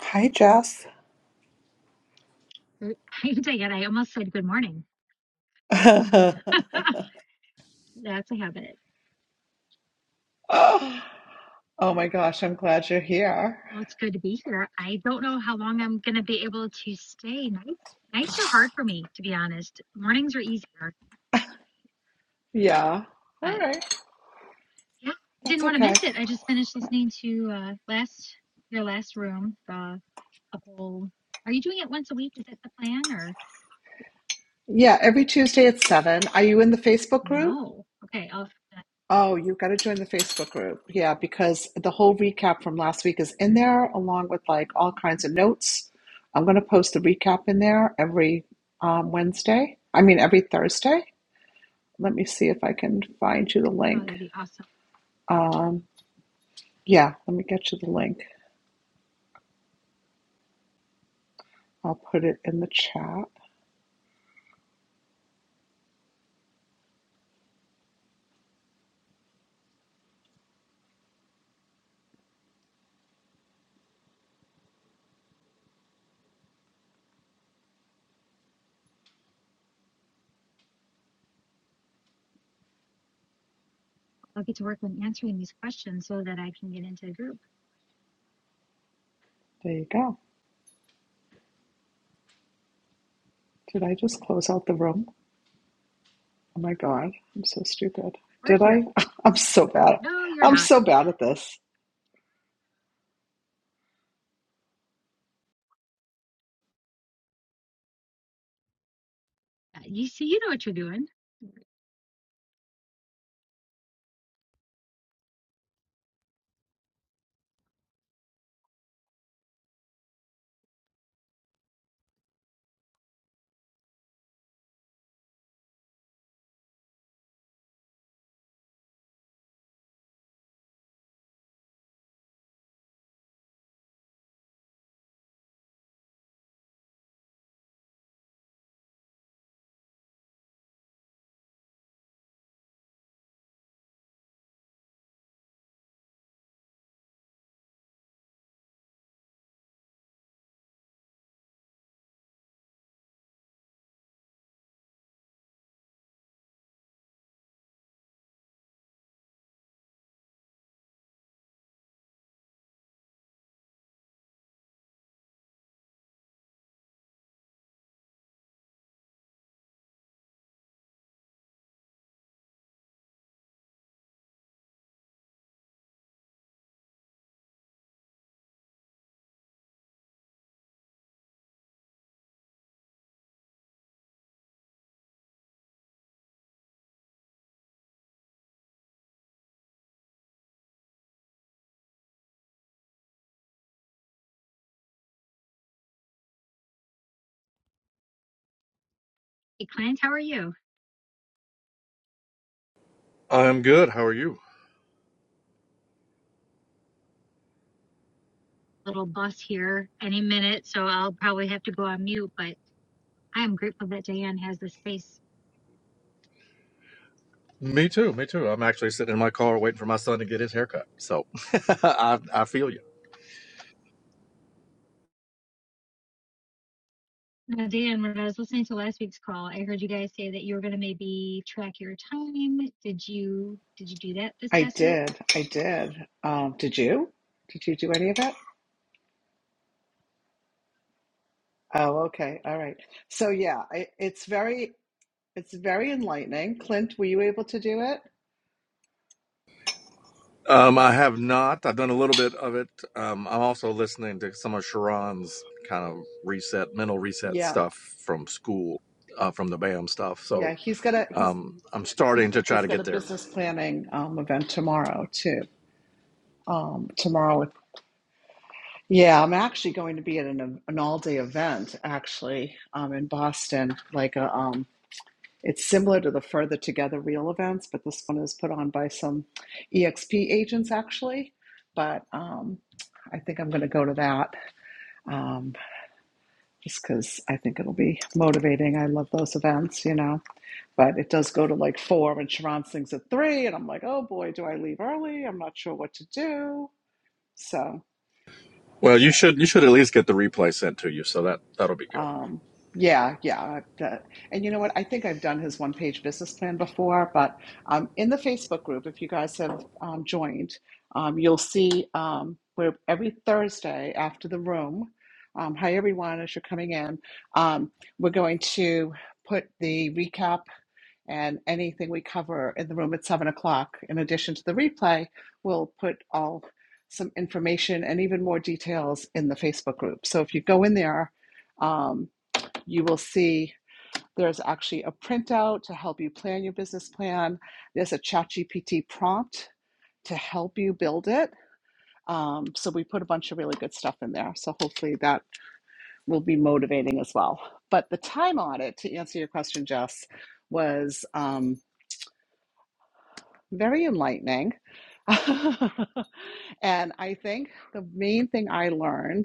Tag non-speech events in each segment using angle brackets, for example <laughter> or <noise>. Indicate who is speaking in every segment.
Speaker 1: Hi, Jess.
Speaker 2: Er, <laughs> I Dang it, <laughs> I almost said good morning.
Speaker 1: <laughs> oh,
Speaker 2: That's a habit.
Speaker 1: oh my gosh, I'm glad you're here.
Speaker 2: Well, it's good to be here. I don't know how long I'm going to be able to stay. Nights, nights are hard for me, to be honest. Mornings are easier,
Speaker 1: Yeah. All
Speaker 2: but
Speaker 1: right.
Speaker 2: yeah,
Speaker 1: That's
Speaker 2: didn't want to
Speaker 1: okay.
Speaker 2: miss it. I just finished listening to uh, last your last room, the a whole. Are you doing it once a week? Is that the plan or
Speaker 1: Yeah, every Tuesday at 7. Are you in the Facebook group?
Speaker 2: no? Okay, I'll.
Speaker 1: Oh, you have got to join the Facebook group. Yeah, because the whole recap from last week is in there along with like all kinds of notes. I'm going to post the recap in there every um, Wednesday. I mean, every Thursday. Let me see if I can find you the
Speaker 2: Oh,
Speaker 1: link.
Speaker 2: that'd be awesome.
Speaker 1: Um, yeah, let me get you the link. I'll put it in the chat.
Speaker 2: I'll get to work on answering these questions so that I can get into the group.
Speaker 1: There you go. Did I just close out the room? Oh my God, I'm so stupid.
Speaker 2: We're
Speaker 1: Did
Speaker 2: here.
Speaker 1: I? <laughs> I'm so bad.
Speaker 2: No, you're
Speaker 1: I'm
Speaker 2: not.
Speaker 1: so bad at this.
Speaker 2: Uh, You see, you know what you're doing. Hey, clients, how are you?
Speaker 3: I'm good. How are you?
Speaker 2: Little bus here any minute, so I'll probably have to go on mute, but I am grateful that Diane has the space.
Speaker 3: Me too. Me too. I'm actually sitting in my car waiting for my son to get his haircut. So <laughs> I, I feel you.
Speaker 2: Now, Diane, when I was listening to last week's call, I heard you guys say that you were going to maybe track your time. Did you did you do that this
Speaker 1: I
Speaker 2: past week?
Speaker 1: did. I did. Um, did you? Did you do any of it? Oh, okay. All right. So yeah, I, it's very, it's very enlightening. Clint, were you able to do it?
Speaker 3: Um, I have not. I've done a little bit of it. Um, I'm also listening to some of Sharon's kind of reset, mental reset
Speaker 1: Yeah.
Speaker 3: stuff from school, uh, from the BAM stuff.
Speaker 1: Yeah.
Speaker 3: So
Speaker 1: He's got a, he's,
Speaker 3: um, I'm starting to try
Speaker 1: he's
Speaker 3: to
Speaker 1: got a
Speaker 3: get there.
Speaker 1: business planning um, event tomorrow too. Um, tomorrow Yeah, I'm actually going to be at an an all day event actually um, in Boston. Like a, um, it's similar to the Further Together Real events, but this one is put on by some EXP agents actually. But um, I think I'm going to go to that um, just because I think it'll be motivating. I love those events, you know. But it does go to like four, and Sharon sings at three, and I'm like, oh boy, do I leave early? I'm not sure what to do. So.
Speaker 3: Well, you should you should at least get the replay sent to you. So that that'll be good.
Speaker 1: Um, yeah, yeah. that- and you know what? I think I've done his one page business plan before, but um, in the Facebook group, if you guys have um, joined, um, you'll see um, where every Thursday after the room, um, hi everyone, as you're coming in, um, we're going to put the recap and anything we cover in the room at seven o'clock. In addition to the replay, we'll put all some information and even more details in the Facebook group. So if you go in there, um, you will see there's actually a printout to help you plan your business plan. There's a ChatGPT prompt to help you build it. Um, so we put a bunch of really good stuff in there. So hopefully that will be motivating as well. But the time audit, to answer your question, Jess, was um, very enlightening. <laughs> and I think the main thing I learned.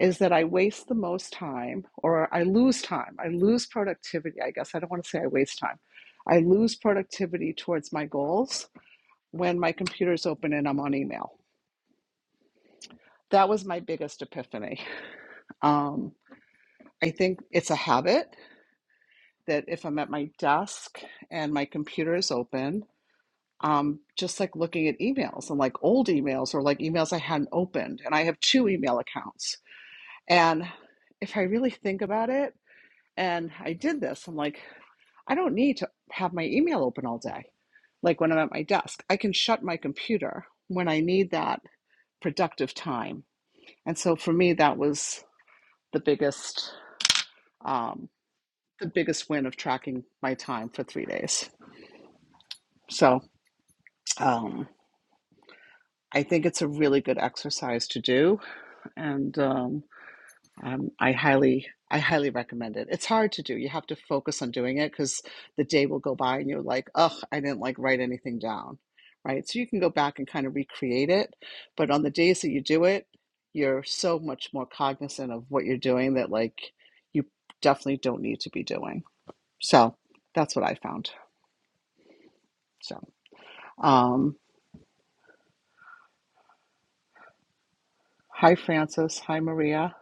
Speaker 1: is that I waste the most time or I lose time. I lose productivity, I guess. I don't want to say I waste time. I lose productivity towards my goals when my computer's open and I'm on email. That was my biggest epiphany. Um, I think it's a habit that if I'm at my desk and my computer is open, um, just like looking at emails and like old emails or like emails I hadn't opened, and I have two email accounts. And if I really think about it, and I did this. I'm like, I don't need to have my email open all day, like when I'm at my desk. I can shut my computer when I need that productive time. And so for me, that was the biggest, um, the biggest win of tracking my time for three days. So um, I think it's a really good exercise to do, and um, Um, I highly, I highly recommend it. It's hard to do. You have to focus on doing it because the day will go by and you're like, ugh, I didn't like write anything down, right? So you can go back and kind of recreate it, but on the days that you do it, you're so much more cognizant of what you're doing that like you definitely don't need to be doing. So that's what I found. So, um, hi Francis, hi Maria.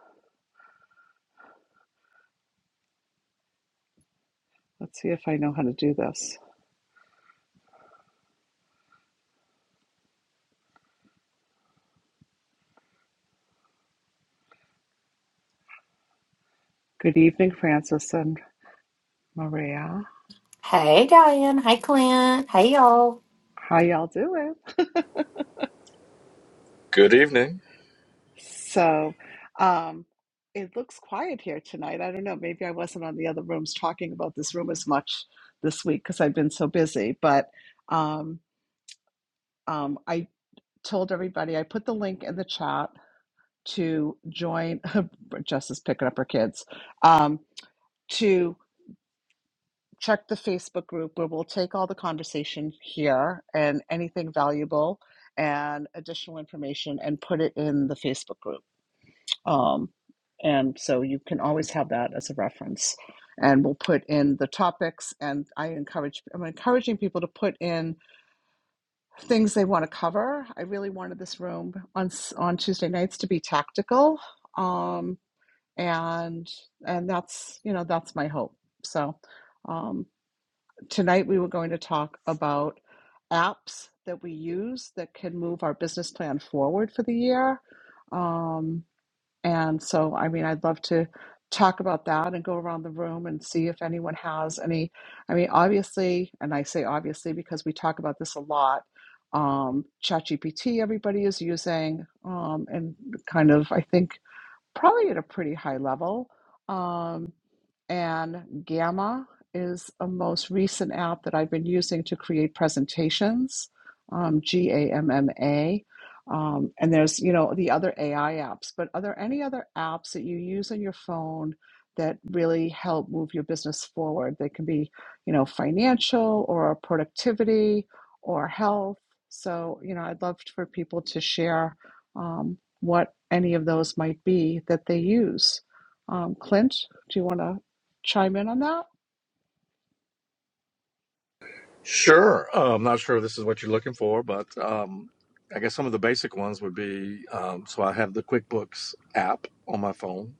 Speaker 1: Let's see if I know how to do this. Good evening, Francis and Maria.
Speaker 4: Hey, Diane. Hey, Clint. Hey, y'all.
Speaker 1: How y'all doing?
Speaker 3: Good evening.
Speaker 1: So, um, it looks quiet here tonight. I don't know. Maybe I wasn't on the other rooms talking about this room as much this week because I've been so busy. But um, um, I told everybody, I put the link in the chat to join. <laughs> Jess is picking up her kids um, to check the Facebook group where we'll take all the conversation here and anything valuable and additional information and put it in the Facebook group. Um, and so you can always have that as a reference. And we'll put in the topics. And I encourage, I'm encouraging people to put in things they want to cover. I really wanted this room on on Tuesday nights to be tactical. Um, and and that's you know that's my hope. So um, tonight we were going to talk about apps that we use that can move our business plan forward for the year. Um, and so, I mean, I'd love to talk about that and go around the room and see if anyone has any. I mean, obviously, and I say obviously because we talk about this a lot. Um, ChatGPT, everybody is using, um, and kind of, I think, probably at a pretty high level. Um, and Gamma is a most recent app that I've been using to create presentations, um, G A M M A. Um, and there's, you know, the other AI apps, but are there any other apps that you use on your phone that really help move your business forward? They can be, you know, financial or productivity or health. So, you know, I'd love for people to share um, what any of those might be that they use. Um, Clint, do you want to? chime in on that?
Speaker 3: Sure. Uh, I'm not sure if this is what you're looking for, but um, I guess some of the basic ones would be um, so I have the QuickBooks app on my phone.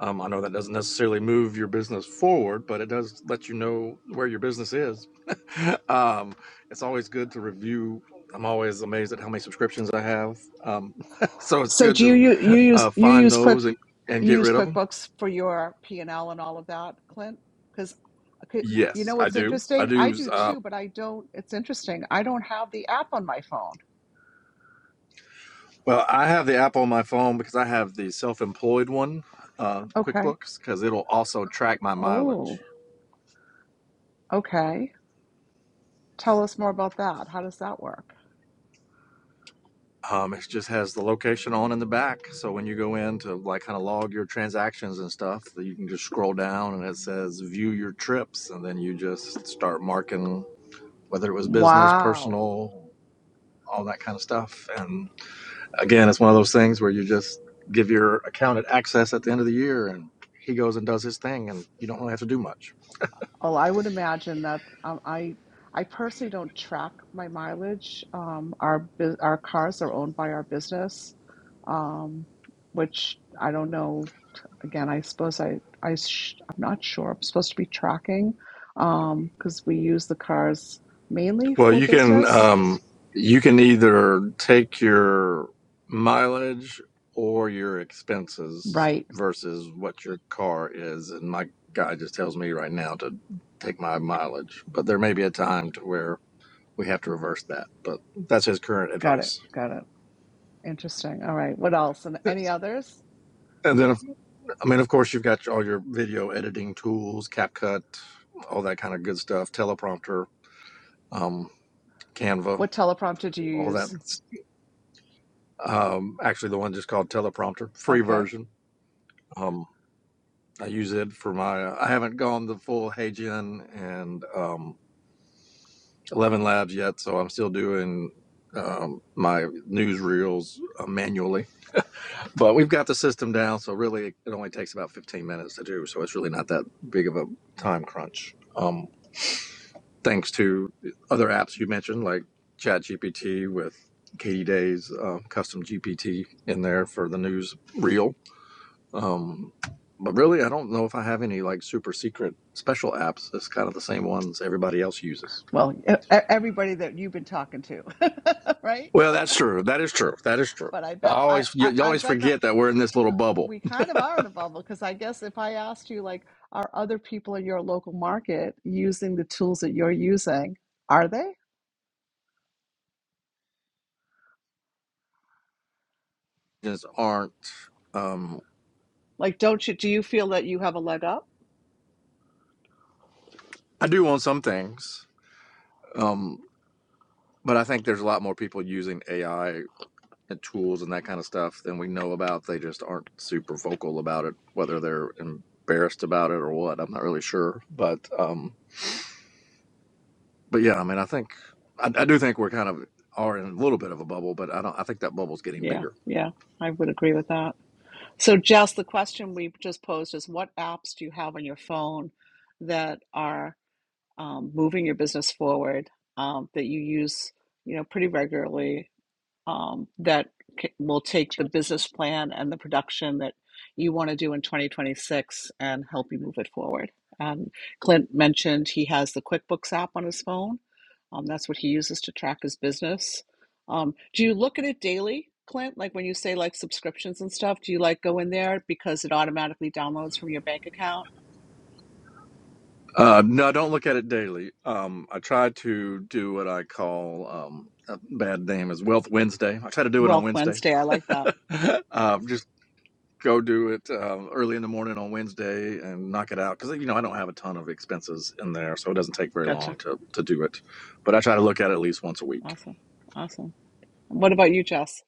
Speaker 3: Um, I know that doesn't necessarily move your business forward, but it does let you know where your business is. <laughs> um, it's always good to review. I'm always amazed at how many subscriptions I have. Um, <laughs> so it's
Speaker 1: So
Speaker 3: good
Speaker 1: do you
Speaker 3: to
Speaker 1: you, you use
Speaker 3: uh,
Speaker 1: you
Speaker 3: find
Speaker 1: use quick
Speaker 3: those and, and
Speaker 1: you
Speaker 3: get
Speaker 1: use
Speaker 3: rid of them.
Speaker 1: QuickBooks for your P and L and all of that, Clint? Because you
Speaker 3: Yes,
Speaker 1: know
Speaker 3: I
Speaker 1: what's
Speaker 3: do. I
Speaker 1: interesting? I
Speaker 3: do.
Speaker 1: do
Speaker 3: Uh,
Speaker 1: too, but I don't. It's interesting. I don't have the app on my phone.
Speaker 3: Well, I have the app on my phone because I have the self-employed one, uh,
Speaker 1: Okay.
Speaker 3: QuickBooks, because it'll also track my mileage.
Speaker 1: Oh, okay. Tell us more about that. How does that work?
Speaker 3: Um, it just has the location on in the back, so when you go in to like kind of log your transactions and stuff, you can just scroll down and it says "View your trips," and then you just start marking whether it was business,
Speaker 1: Wow.
Speaker 3: personal, all that kind of stuff. And again, it's one of those things where you just give your accountant access at the end of the year, and he goes and does his thing, and you don't really have to do much.
Speaker 1: Oh, I would imagine that um, I I personally don't track my mileage. Um, our bu- our cars are owned by our business, um, which I don't know. Again, I suppose I I sh I'm not sure. I'm supposed to be tracking um, because we use the cars mainly
Speaker 3: Well,
Speaker 1: for
Speaker 3: you can
Speaker 1: business.
Speaker 3: um, you can either take your mileage or your expenses
Speaker 1: Right.
Speaker 3: versus what your car is. And my guy just tells me right now to take my mileage, but there may be a time to where we have to reverse that. But that's his current
Speaker 1: Got it.
Speaker 3: advice.
Speaker 1: Got it. Interesting. All right. What else? And any
Speaker 3: And
Speaker 1: others?
Speaker 3: then, I mean, of course, you've got all your video editing tools, CapCut, all that kind of good stuff, teleprompter, um, Canva,
Speaker 1: What teleprompter do you
Speaker 3: all
Speaker 1: use?
Speaker 3: that. Um, actually, the one just called Teleprompter, free
Speaker 1: Okay.
Speaker 3: version. Um, I use it for my. uh, I haven't gone the full Heijian and um, Eleven Labs yet, so I'm still doing um, my newsreels uh, manually. But we've got the system down, so really it only takes about 15 minutes to do. So it's really not that big of a time crunch. Um, thanks to other apps you mentioned, like ChatGPT with Katie Day's uh, custom GPT in there for the newsreel But really, I don't know if I have any like super secret special apps. It's kind of the same ones everybody else uses.
Speaker 1: Well, e- e- everybody that you've been talking to, <laughs> right?
Speaker 3: Well, that's true. That is true. That is true.
Speaker 1: but I
Speaker 3: I
Speaker 1: bet I,
Speaker 3: always you,
Speaker 1: I
Speaker 3: you
Speaker 1: I
Speaker 3: always
Speaker 1: bet not.
Speaker 3: forget that we're in this little bubble.
Speaker 1: We kind of are in a bubble because I guess if I asked you, like, are other people in your local market using the tools that you're using? Are they?
Speaker 3: Just aren't. Um,
Speaker 1: Like, don't you do you feel that you have a leg up?
Speaker 3: I do on some things, um, but I think there's a lot more people using AI and tools and that kind of stuff than we know about. They just aren't super vocal about it, whether they're embarrassed about it or what. I'm not really sure, but. Um, but yeah, I mean, I think I, I do think we're kind of are in a little bit of a bubble, but I don't. I think that bubble's getting
Speaker 1: Yeah,
Speaker 3: bigger.
Speaker 1: yeah, I would agree with that. So, Jess, the question we just posed is, what apps do you have on your phone that are um, moving your business forward um, that you use, you know, pretty regularly? um, that c- will take the
Speaker 2: Sure.
Speaker 1: business plan and the production that you want to do in 2026 and help you move it forward. And Clint mentioned he has the QuickBooks app on his phone. Um, that's what he uses to track his business. Um, do you look at it daily, Clint? Like when you say like subscriptions and stuff, do you like go in there because it automatically downloads from your bank account?
Speaker 3: Uh, no, I don't look at it daily. Um, I try to do what I call um, a bad name is Wealth Wednesday. I try to do it on
Speaker 1: Wealth
Speaker 3: Wednesday.
Speaker 1: Wednesday, I like
Speaker 3: <laughs>
Speaker 1: that.
Speaker 3: um, just go do it um, early in the morning on Wednesday and knock it out because you know I don't have a ton of expenses in there, so it doesn't take very
Speaker 1: Gotcha.
Speaker 3: long to to do it. But I try to look at it at least once a week.
Speaker 1: Awesome. Awesome. What about you, Jess?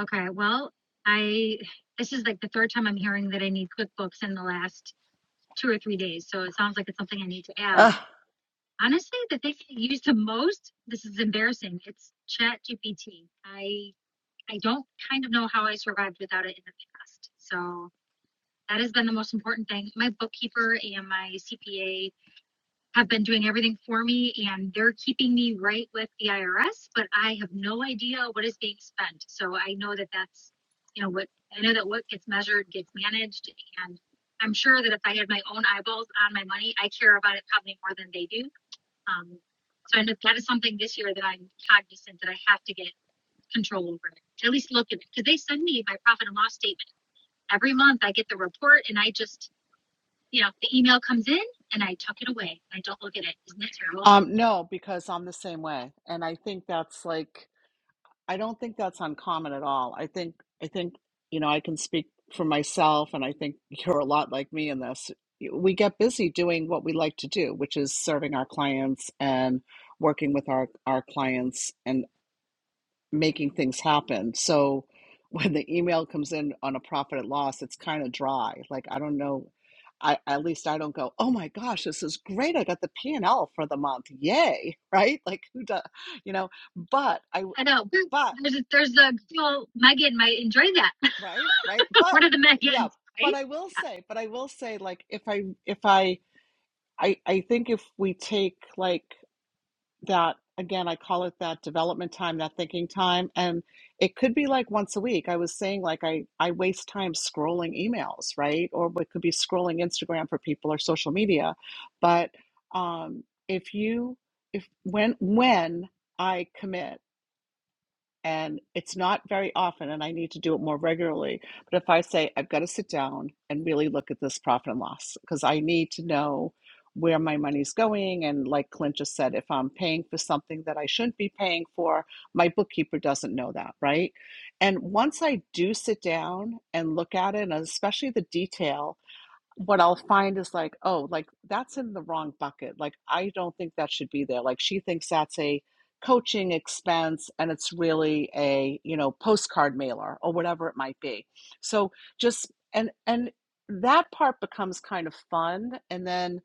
Speaker 2: Okay, well, I this is like the third time I'm hearing that I need QuickBooks in the last two or three days, so it sounds like it's something I need to add. Honestly, the thing I use the most, this is embarrassing. It's Chat GPT. I don't kind of know how I survived without it in the past. So that has been the most important thing. My bookkeeper and my CPA have been doing everything for me and they're keeping me right with the IRS, but I have no idea what is being spent. So I know that that's, you know, what I know that what gets measured gets managed. And I'm sure that if I had my own eyeballs on my money, I care about it probably more than they do. Um, so I know that is something this year that I'm cognizant that I have to get control over it. At least look at it because they send me my profit and loss statement every month. I get the report and I just, you know, the email comes in and I tuck it away. I don't look at it. Isn't it terrible?
Speaker 1: Um, no, because I'm the same way. And I think that's like, I don't think that's uncommon at all. I think, I think, you know, I can speak for myself, and I think <laughs> you're a lot like me in this. We get busy doing what we like to do, which is serving our clients and working with our, our clients making things happen. So <laughs> when the email comes in on a profit and loss, it's kind of dry. Like I don't know, I at least I don't go, oh my gosh, this is great. I got the P and L for the month. Yay. <laughs> Right? Like who does you know, but I
Speaker 2: I know.
Speaker 1: but
Speaker 2: There's a, there's a girl Megan might enjoy that. <laughs>
Speaker 1: right, right? But
Speaker 2: One of the
Speaker 1: yeah,
Speaker 2: Megans, right?
Speaker 1: but I will say, but I will say like if I if I I, I think if we take like that again i call it that development time that thinking time and it could be like once a week i was saying like i i waste time scrolling emails right or it could be scrolling instagram for people or social media but um if you if when when i commit and it's not very often and i need to do it more regularly but if i say i've got to sit down and really look at this profit and loss because i need to know where my money's going and like clint just said if i'm paying for something that i shouldn't be paying for my bookkeeper doesn't know that right and once i do sit down and look at it and especially the detail what I'll find is like, oh, like that's in the wrong bucket. Like, I don't think that should be there. Like, she thinks that's a coaching expense and it's really a, you know, postcard mailer or whatever it might be. So just, and, and that part becomes kind of fun. And then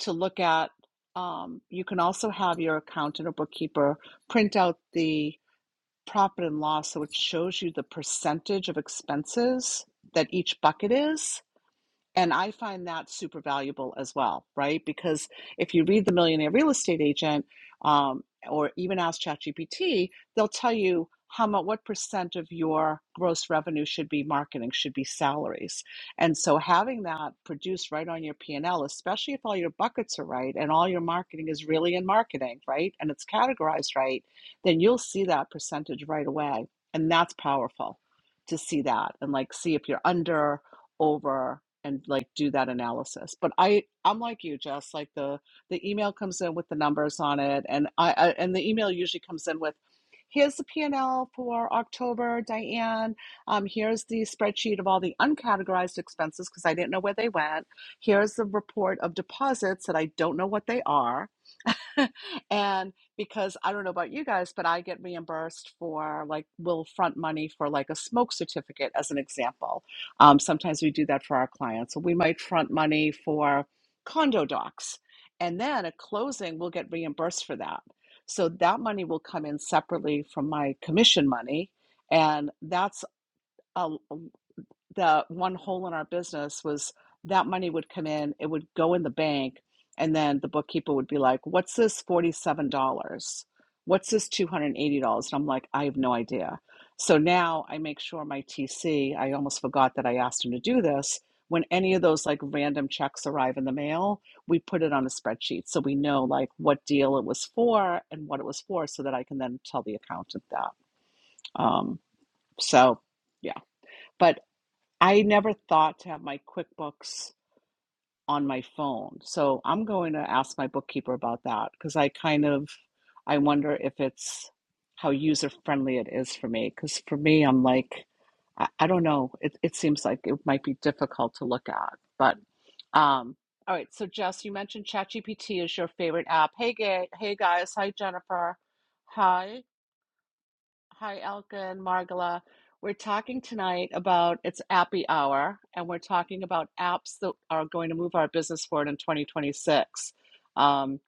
Speaker 1: to look at, um, you can also have your accountant or bookkeeper print out the profit and loss so it shows you the percentage of expenses that each bucket is and I find that super valuable as well, right? Because if you read The Millionaire Real Estate Agent um, or even ask ChatGPT, they'll tell you how much, what percent of your gross revenue should be marketing, should be salaries. And so having that produced right on your P&L, especially if all your buckets are right and all your marketing is really in marketing, right? And it's categorized right, then you'll see that percentage right away. And that's powerful to see that and like see if you're under over and like do that analysis. But I I'm like you, Jess. Like the the email comes in with the numbers on it, and I, I and the email usually comes in with here's the P&L for October, Diane. Um, here's the spreadsheet of all the uncategorized expenses because I didn't know where they went. Here's the report of deposits that I don't know what they are <laughs> And because I don't know about you guys, but I get reimbursed for like will front money for like a smoke certificate, as an example. Um, sometimes we do that for our clients. So we might front money for condo docs. And then at closing, we'll get reimbursed for that. So that money will come in separately from my commission money. And that's a, the one hole in our business was that money would come in, it would go in the bank, and then the bookkeeper would be like, What's this $47? What's this $280? And I'm like, I have no idea. So now I make sure my TC, I almost forgot that I asked him to do this. When any of those like random checks arrive in the mail, we put it on a spreadsheet so we know like what deal it was for and what it was for so that I can then tell the accountant that. Um, so, yeah. But I never thought to have my QuickBooks on my phone. So I'm going to ask my bookkeeper about that because I kind of I wonder if it's how user friendly it is for me. Because for me, I'm like, I, I don't know. It it seems like it might be difficult to look at. But um, all right. So Jess, you mentioned ChatGPT is your favorite app. Hey, gay, hey guys. Hi, Jennifer. Hi. Hi, Elka and Margala. We're talking tonight about it's Appy Hour, and we're talking about apps that are going to move our business forward in 2026. Um,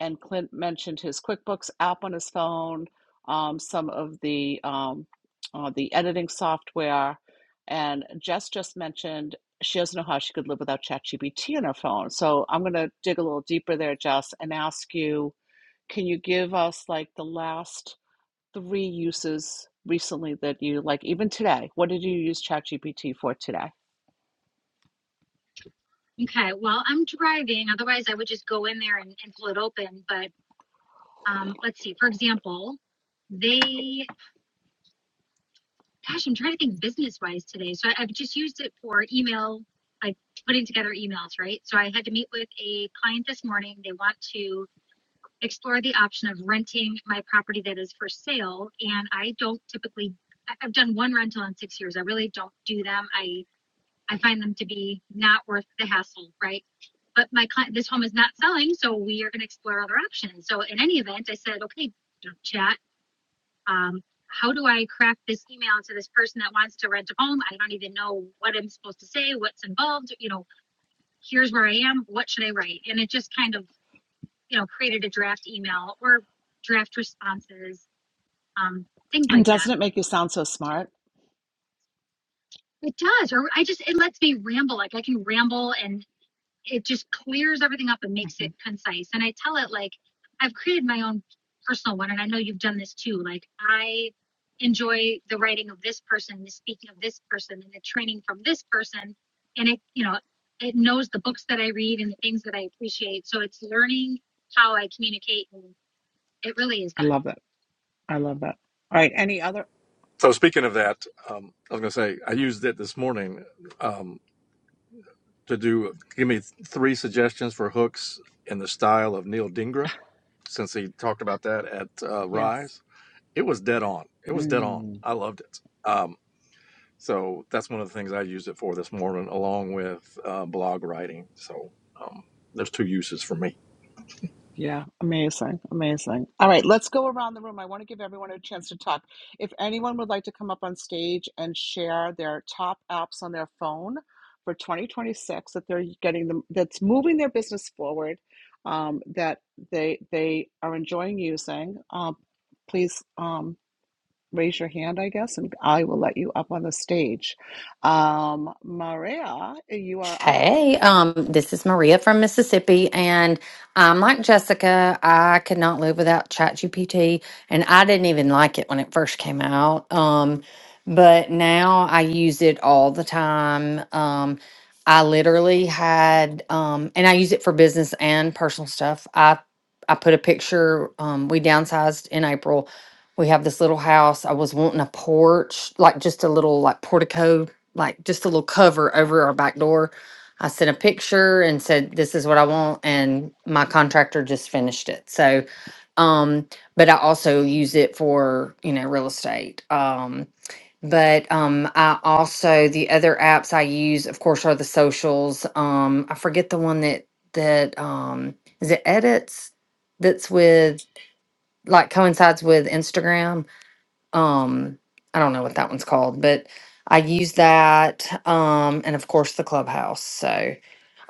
Speaker 1: and Clint mentioned his QuickBooks app on his phone, um, some of the um, uh, the editing software, and Jess just mentioned she doesn't know how she could live without ChatGPT on her phone. So I'm going to dig a little deeper there, Jess, and ask you, can you give us like the last? three uses recently that you like, even today? What did you use ChatGPT for today?
Speaker 2: Yeah. Okay. Well, I'm driving. Otherwise, I would just go in there and, and pull it open. But um, let's see. For example, they gosh, I'm trying to think business wise today. So I, I've just used it for email, like putting together emails, right? So I had to meet with a client this morning. They want to explore the option of renting my property that is for sale. And I don't typically, I- have done one rental in six years. I really don't do them. I, I find them to be not worth the hassle, right? But my client, this home is not selling, so we are going to explore other options. So in any event, I said, okay, chat um, how do I craft this email to this person that wants to rent a home? I don't even know what I'm supposed to say, what's involved, you know, here's where I am, what should I write? And it just kind of, you know, created a draft email or draft responses, um, things
Speaker 1: And
Speaker 2: like that.
Speaker 1: doesn't it make you sound so smart?
Speaker 2: It does, or I just, it lets me ramble. Like I can ramble and it just clears everything up and makes
Speaker 1: hmm
Speaker 2: it concise. And I tell it like I've created my own personal one, and I know you've done this too. Like I enjoy the writing of this person, the speaking of this person, and the training from this person. And it, you know, it knows the books that I read and the things that I appreciate. So it's learning how I communicate, and it really is
Speaker 1: I
Speaker 2: good.
Speaker 1: love that. I love that. All right. Any other?
Speaker 3: So speaking of that, um, I was going to say I used it this morning. Um, to do give me three suggestions for hooks in the style of Neil Dingra since he talked about that at uh,
Speaker 1: Yes.
Speaker 3: Rise. It was dead on. It was dead on.
Speaker 1: Mm.
Speaker 3: I loved it. Um, so that's one of the things I used it for this morning, along with uh, blog writing. So um, there's two uses for me.
Speaker 1: Yeah, amazing, amazing. All right, let's go around the room. I want to give everyone a chance to talk. If anyone would like to come up on stage and share their top apps on their phone for 2026 that they're getting them that's moving their business forward, um, that they they are enjoying using, um, please um, raise your hand, I guess, and I will let you up on the stage. Um, Maria, you are up.
Speaker 4: Hey, um, this is Maria from Mississippi, and I'm like Jessica. I could not live without ChatGPT, and I didn't even like it when it first came out. Um, but now I use it all the time. Um, I literally had, um, and I use it for business and personal stuff. I I put a picture. Um, we downsized in April. We have this little house. I was wanting a porch, like just a little like portico, like just a little cover over our back door I sent a picture and said, this is what I want. And my contractor just finished it. So, um, but I also use it for, you know, real estate. Um, but um, I also, the other apps I use, of course, are the socials. Um, I forget the one that, that, um, is it edits that's with, like coincides with Instagram? um i don't know what that one's called but i use that um and of course the clubhouse so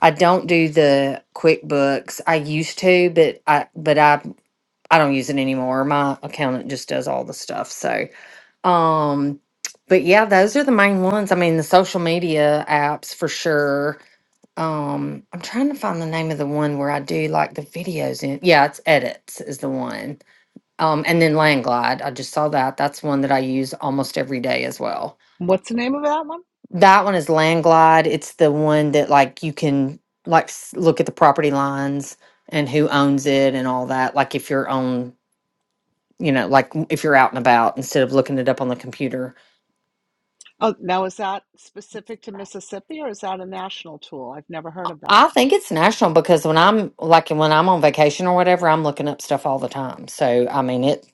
Speaker 4: i don't do the quickbooks i used to but i but i i don't use it anymore my accountant just does all the stuff so um but yeah those are the main ones i mean the social media apps for sure um i'm trying to find the name of the one where i do like the videos in yeah it's edits is the one um, and then Landglide, I just saw that. That's one that I use almost every day as well.
Speaker 1: What's the name of that one?
Speaker 4: That one is Landglide. It's the one that like you can like s- look at the property lines and who owns it and all that. Like if you're on, you know, like w- if you're out and about instead of looking it up on the computer.
Speaker 1: Oh, now is that specific to Mississippi or is that a national tool? I've never heard of that.
Speaker 4: I think it's national because when I'm like when I'm on vacation or whatever, I'm looking up stuff all the time. So I mean it.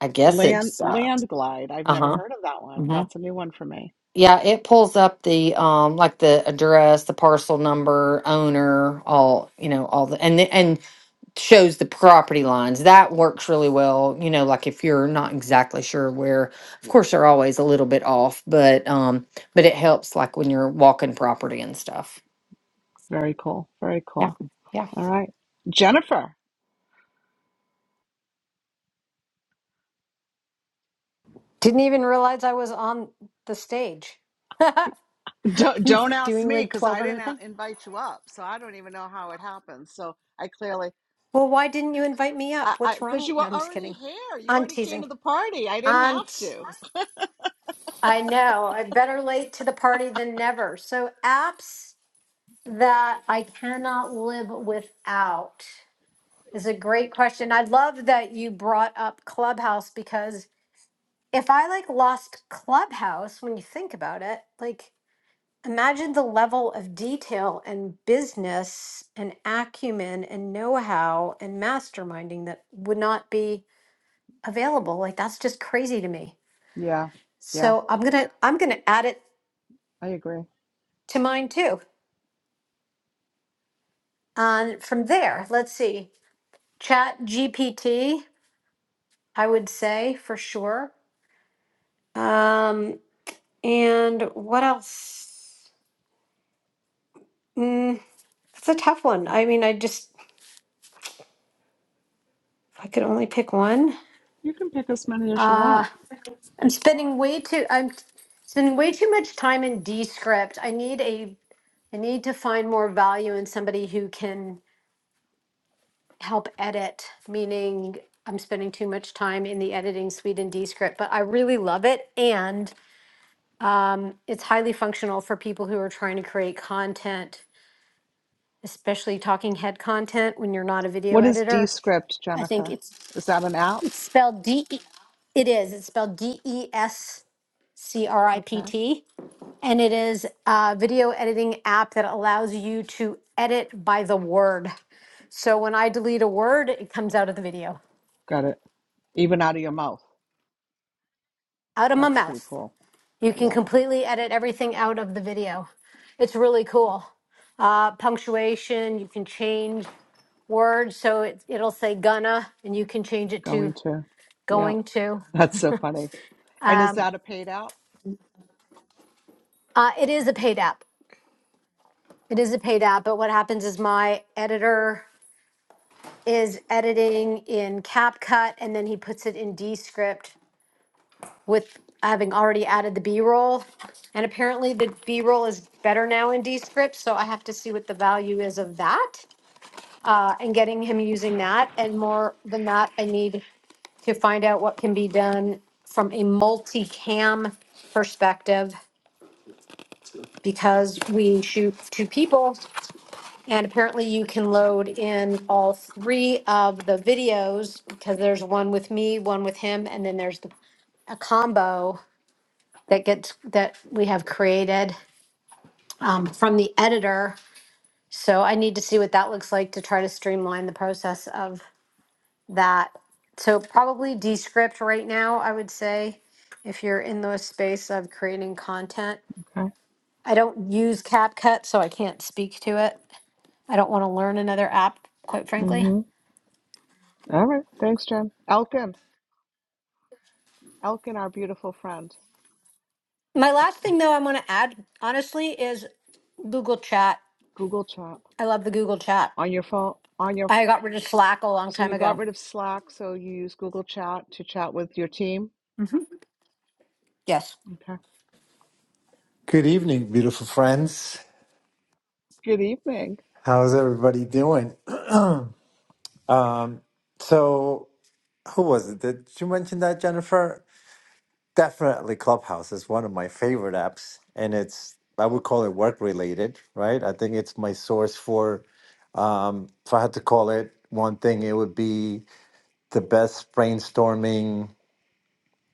Speaker 4: I guess
Speaker 1: Land
Speaker 4: it's uh
Speaker 1: Land Glide. I've never
Speaker 4: huh.
Speaker 1: heard of that one. That's a new one for me.
Speaker 4: Yeah, it pulls up the um like the address, the parcel number, owner, all, you know, all the and the, and shows the property lines. That works really well, you know, like if you're not exactly sure where, of course they're always a little bit off, but um but it helps like when you're walking property and stuff.
Speaker 1: Very cool. Very
Speaker 4: Yeah.
Speaker 1: cool.
Speaker 4: Yeah.
Speaker 1: All right. Jennifer,
Speaker 5: Didn't even realize I was on the stage <laughs>
Speaker 1: don't, don't ask
Speaker 5: doing
Speaker 1: me
Speaker 5: like
Speaker 1: because
Speaker 5: 12
Speaker 1: I
Speaker 5: other
Speaker 1: didn't a-
Speaker 5: things.
Speaker 1: invite you up. So I don't even know how it happens. So I clearly,
Speaker 5: Well, why didn't you invite me
Speaker 1: I,
Speaker 5: up?
Speaker 1: I,
Speaker 5: What's
Speaker 1: because
Speaker 5: wrong?
Speaker 1: you
Speaker 5: No,
Speaker 1: were
Speaker 5: I'm just
Speaker 1: already
Speaker 5: kidding.
Speaker 1: here. You
Speaker 5: I'm
Speaker 1: already came
Speaker 5: teasing.
Speaker 1: to the party. I didn't
Speaker 5: I'm t-
Speaker 1: have to.
Speaker 5: I know. I'm better late to the party than never. So, apps that I cannot live without is a great question. I love that you brought up Clubhouse because if I like lost Clubhouse, when you think about it, like imagine the level of detail and business and acumen and know-how and masterminding that would not be available like that's just crazy to me
Speaker 1: Yeah. Yeah.
Speaker 5: so i'm gonna i'm gonna add it
Speaker 1: I agree.
Speaker 5: to mine too and from there let's see chat gpt i would say for sure um and what else mm, that's a tough one i mean i just if i could only pick one
Speaker 1: You can pick as many as you
Speaker 5: Uh
Speaker 1: want.
Speaker 5: I'm spending way too I'm spending way too much time in Descript. I need a I need to find more value in somebody who can help edit, meaning I'm spending too much time in the editing suite in Descript, but I really love it and um, it's highly functional for people who are trying to create content, especially talking head content when you're not a video
Speaker 1: What is
Speaker 5: editor.
Speaker 1: Descript,
Speaker 5: I think
Speaker 1: Jennifer?
Speaker 5: it's
Speaker 1: Is that an app?
Speaker 5: it's spelled D E it is. It's spelled D E S C R I P
Speaker 1: Okay.
Speaker 5: T and it is a video editing app that allows you to edit by the word. So when I delete a word, it comes out of the video,
Speaker 1: Got it. Even out of your mouth.
Speaker 5: out of my
Speaker 1: That's pretty
Speaker 5: mouth.
Speaker 1: cool.
Speaker 5: You can
Speaker 1: Yeah.
Speaker 5: completely edit everything out of the video. It's really cool. Uh, punctuation, you can change words. So it, it'll say gonna, and you can change it
Speaker 1: Going
Speaker 5: to
Speaker 1: to. Yeah.
Speaker 5: going to.
Speaker 1: <laughs> That's so funny. And is
Speaker 5: Um,
Speaker 1: that a paid out?
Speaker 5: uh, it is a
Speaker 1: Okay.
Speaker 5: paid app. It is a paid app, but what happens is my editor is editing in CapCut and then he puts it in Descript with having already added the B-roll. And apparently the B-roll is better now in Descript, so I have to see what the value is of that uh, and getting him using that. And more than that, I need to find out what can be done from a multi-cam perspective because we shoot two people And apparently you can load in all three of the videos because there's one with me, one with him, and then there's the, a combo that gets that we have created um, from the editor. So I need to see what that looks like to try to streamline the process of that. So probably Descript right now, I would say, if you're in the space of creating content.
Speaker 1: Okay.
Speaker 5: I don't use CapCut, so I can't speak to it. I don't want to learn another app, quite frankly.
Speaker 1: Mm-hmm. All right. Thanks, Jen. Elkin. Elkin, our beautiful friend.
Speaker 5: My last thing, though, I want to add, honestly, is Google Chat.
Speaker 1: Google Chat
Speaker 5: I love the Google Chat.
Speaker 1: on your phone. On your.
Speaker 5: I got rid of Slack a long
Speaker 1: So
Speaker 5: time
Speaker 1: you got
Speaker 5: ago.
Speaker 1: rid of Slack, so you use Google Chat to chat with your team.
Speaker 5: hmm Yes.
Speaker 1: Okay.
Speaker 6: Good evening, beautiful friends.
Speaker 1: Good evening.
Speaker 6: How's everybody doing? <clears throat> um, so, who was it? Did you mention that, Jennifer? Definitely Clubhouse is one of my favorite apps, and it's, I would call it work related, right? I think it's my source for, um, if I had to call it one thing, it would be the best brainstorming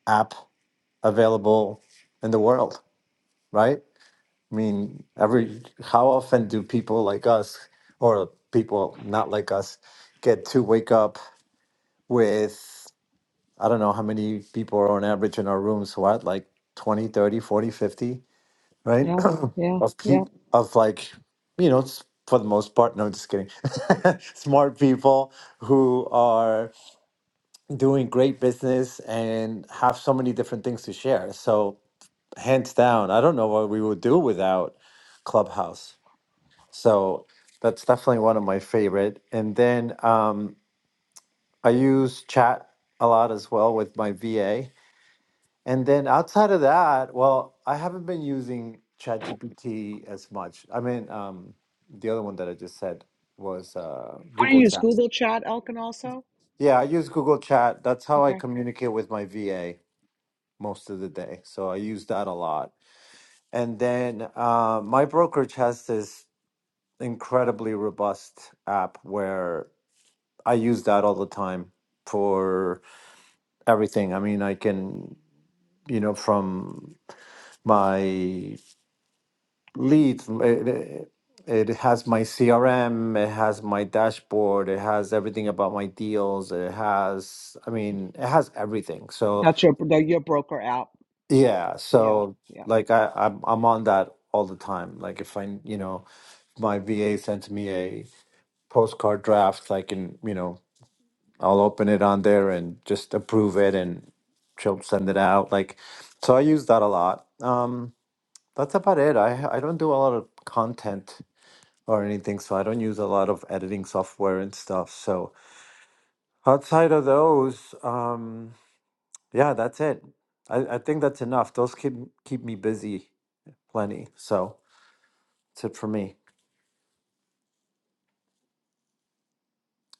Speaker 6: app available in the world, right? I mean, every how often do people like us or people not like us get to wake up with I don't know how many people are on average in our rooms, what, like 20, 30, 40, 50,
Speaker 1: Yeah.
Speaker 6: right?
Speaker 1: Yeah.
Speaker 6: <clears throat> of
Speaker 1: Yeah.
Speaker 6: people of like, you know, s- for the most part, no, just kidding. <laughs> Smart people who are doing great business and have so many different things to share. So, hands down, I don't know what we would do without Clubhouse. So that's definitely one of my favorite. And then um, I use chat a lot as well with my VA. And then outside of that, well, I haven't been using ChatGPT as much. I mean, um, the other one that I just said was uh,
Speaker 1: Do you
Speaker 6: Google
Speaker 1: use
Speaker 6: Chat.
Speaker 1: Google Chat, Elkin, also?
Speaker 6: Yeah, I use Google Chat. That's how I
Speaker 1: Okay.
Speaker 6: communicate with my VA most of the day. So I use that a lot. And then uh, my brokerage has this incredibly robust app where I use that all the time for everything. I mean, I can, you know, from my leads, it, it has my CRM, it has my dashboard, it has everything about my deals, it has, I mean, it has everything. So,
Speaker 1: That's your your broker app.
Speaker 6: yeah,
Speaker 1: Yeah.
Speaker 6: so
Speaker 1: Yeah.
Speaker 6: like I, I'm, I'm on that all the time. Like if I, you know, my VA sends me a postcard draft, I can, you know, I'll open it on there and just approve it and she'll send it out. Like, so I use that a lot. Um, that's about it. I, I don't do a lot of content or anything, so I don't use a lot of editing software and stuff. So outside of those, um, yeah, that's it. I, I think that's enough. Those keep keep me busy plenty. So that's it for me.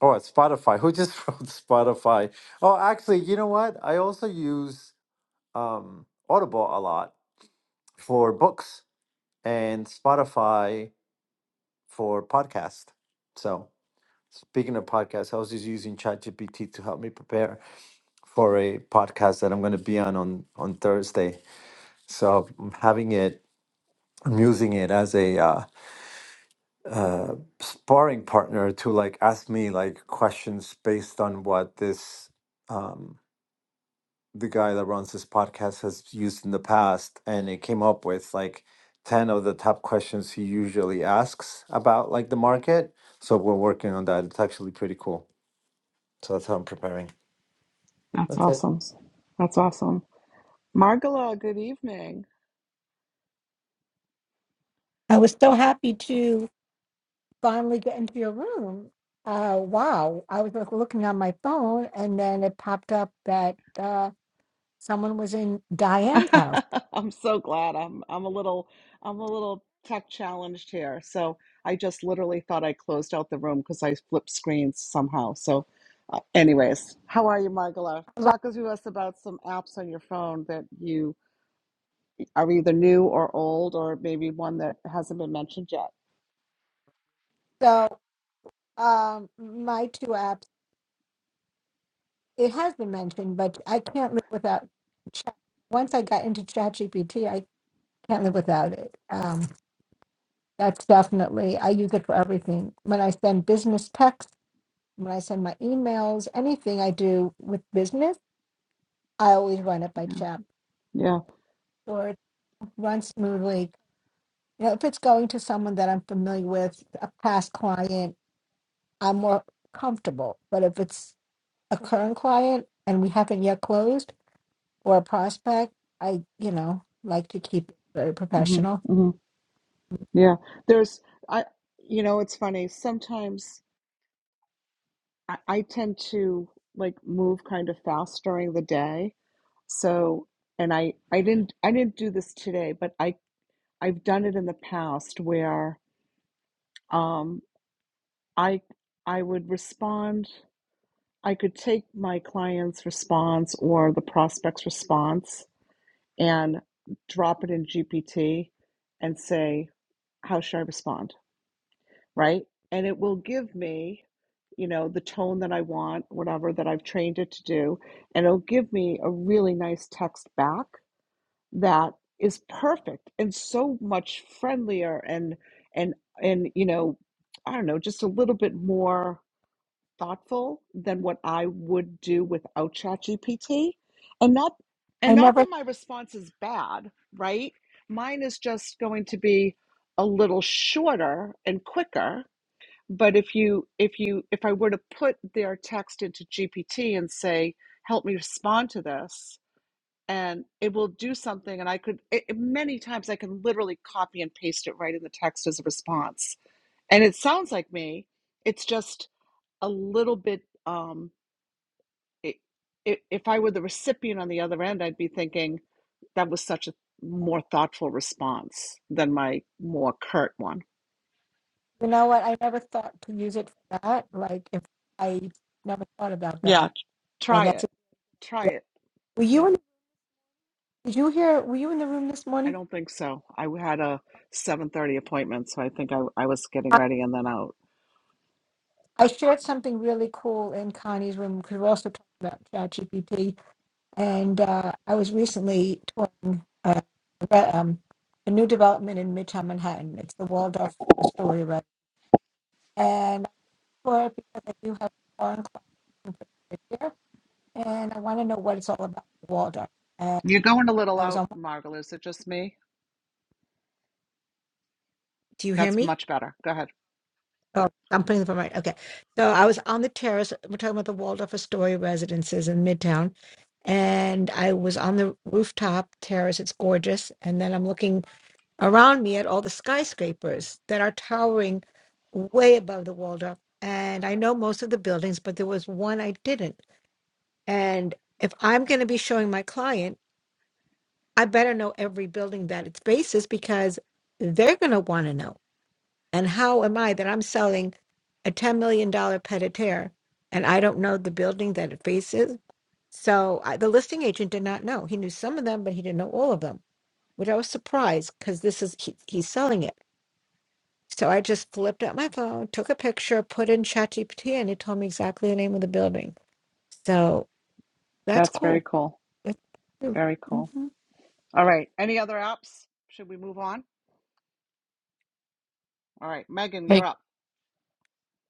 Speaker 6: Oh, it's Spotify. Who just <laughs> wrote Spotify? Oh, actually, you know what? I also use um, Audible a lot. for books and Spotify for podcast. So speaking of podcasts, I was just using ChatGPT to help me prepare for a podcast that I'm going to be on on on Thursday. So I'm having it, I'm using it as a uh, uh, sparring partner to like ask me like questions based on what this um, the guy that runs this podcast has used in the past and it came up with like 10 of the top questions he usually asks about like the market so we're working on that it's actually pretty cool so that's how i'm preparing
Speaker 1: That's
Speaker 6: that's it
Speaker 1: awesome. That's awesome. Margala, good evening.
Speaker 7: I was so happy to finally get into your room. Uh, wow. I was like looking on my phone and then it popped up that uh, someone was in Diane's house.
Speaker 1: <laughs> I'm so glad. I'm I'm a little I'm a little tech challenged here. So I just literally thought I closed out the room because I flipped screens somehow. So uh, anyways, how are you, Margala?
Speaker 7: Like,
Speaker 1: Talk to us about some apps on your phone that you are either new or old or maybe one that hasn't been mentioned yet.
Speaker 7: so um, my two apps, it has been mentioned, but I can't live without chat. Once I got into ChatGPT, I can't live without it. Um, that's definitely, I use it for everything. When I send business texts, when I send my emails, anything I do with business, I always run it by
Speaker 1: Yeah.
Speaker 7: ChatGPT
Speaker 1: Yeah.
Speaker 7: or it runs smoothly. You know, if it's going to someone that I'm familiar with, a past client, I'm more comfortable. But if it's a current client and we haven't yet closed or a prospect, I, you know, like to keep it very
Speaker 1: hmm
Speaker 7: professional.
Speaker 1: hmm Yeah. There's I you know, it's funny. Sometimes I, I tend to like move kind of fast during the day. So, and I I didn't I didn't do this today, but I I've done it in the past where um I I would respond, I could take my client's response or the prospect's response and drop it in GPT and say, how should I respond? right? And it will give me, you know, the tone that I want, whatever that I've trained it to do. And it'll give me a really nice text back that is perfect and so much friendlier and, and, and, you know, I don't know, just a little bit more thoughtful than what I would do without ChatGPT. And not, and
Speaker 7: I
Speaker 1: not
Speaker 7: never
Speaker 1: that my response is bad, right? Mine is just going to be a little shorter and quicker but if you if you if i were to put their text into gpt and say help me respond to this and it will do something and i could it, it- many times i can literally copy and paste it right in the text as a response and it sounds like me it's just a little bit um it, it, if i were the recipient on the other end i'd be thinking that was such a more thoughtful response than my more curt one
Speaker 7: You know what? I never thought to use it for that. Like, if I never thought about
Speaker 1: yeah
Speaker 7: that, but
Speaker 1: try
Speaker 7: that's
Speaker 1: it try
Speaker 7: yeah.
Speaker 1: it
Speaker 7: Were
Speaker 1: Yeah.
Speaker 7: you in? Did you hear? Were you in the room this
Speaker 1: I
Speaker 7: morning?
Speaker 1: don't think so. I had a 7:30 appointment, so I think I, I was getting
Speaker 7: I,
Speaker 1: ready and then out.
Speaker 7: I shared something really cool in Connie's room because we're also talking about ChatGPT, and uh, I was recently touring uh, re- um, a new development in Midtown Manhattan. It's the Waldorf Astoria, right? Lord, because I do have foreign clients, in here, and I want to know what it's all about, Waldorf. And
Speaker 1: You're going a little
Speaker 7: I was
Speaker 1: out,
Speaker 7: on.
Speaker 1: Margaret. Is it just me?
Speaker 7: Do you hear
Speaker 1: That's
Speaker 7: me?
Speaker 1: much better. Go ahead.
Speaker 7: Oh, I'm putting the phone right. Okay. So I was on the terrace. We're talking about the Waldorf Astoria residences in Midtown, and I was on the rooftop terrace. It's gorgeous, and then I'm looking around me at all the skyscrapers that are towering way above the Waldorf. And I know most of the buildings, but there was one I didn't. And if I'm going to be showing my client I better know every building that its basis because they're going to want to know. And how am I that I'm selling a $10 million pet a terre and I don't know the building that it faces? So I, the listing agent did not know. He knew some of them, but he didn't know all of them, which I was surprised because this is, he, he's selling it. So I just flipped up my phone, took a picture, put in ChatGPT, and it told me exactly the name of the building. So that's
Speaker 1: That's very
Speaker 7: cool.
Speaker 1: cool. Very cool.
Speaker 7: That's,
Speaker 1: All right. Any other apps? Should we move on? All right, Megan, you're
Speaker 8: Hey,
Speaker 1: up.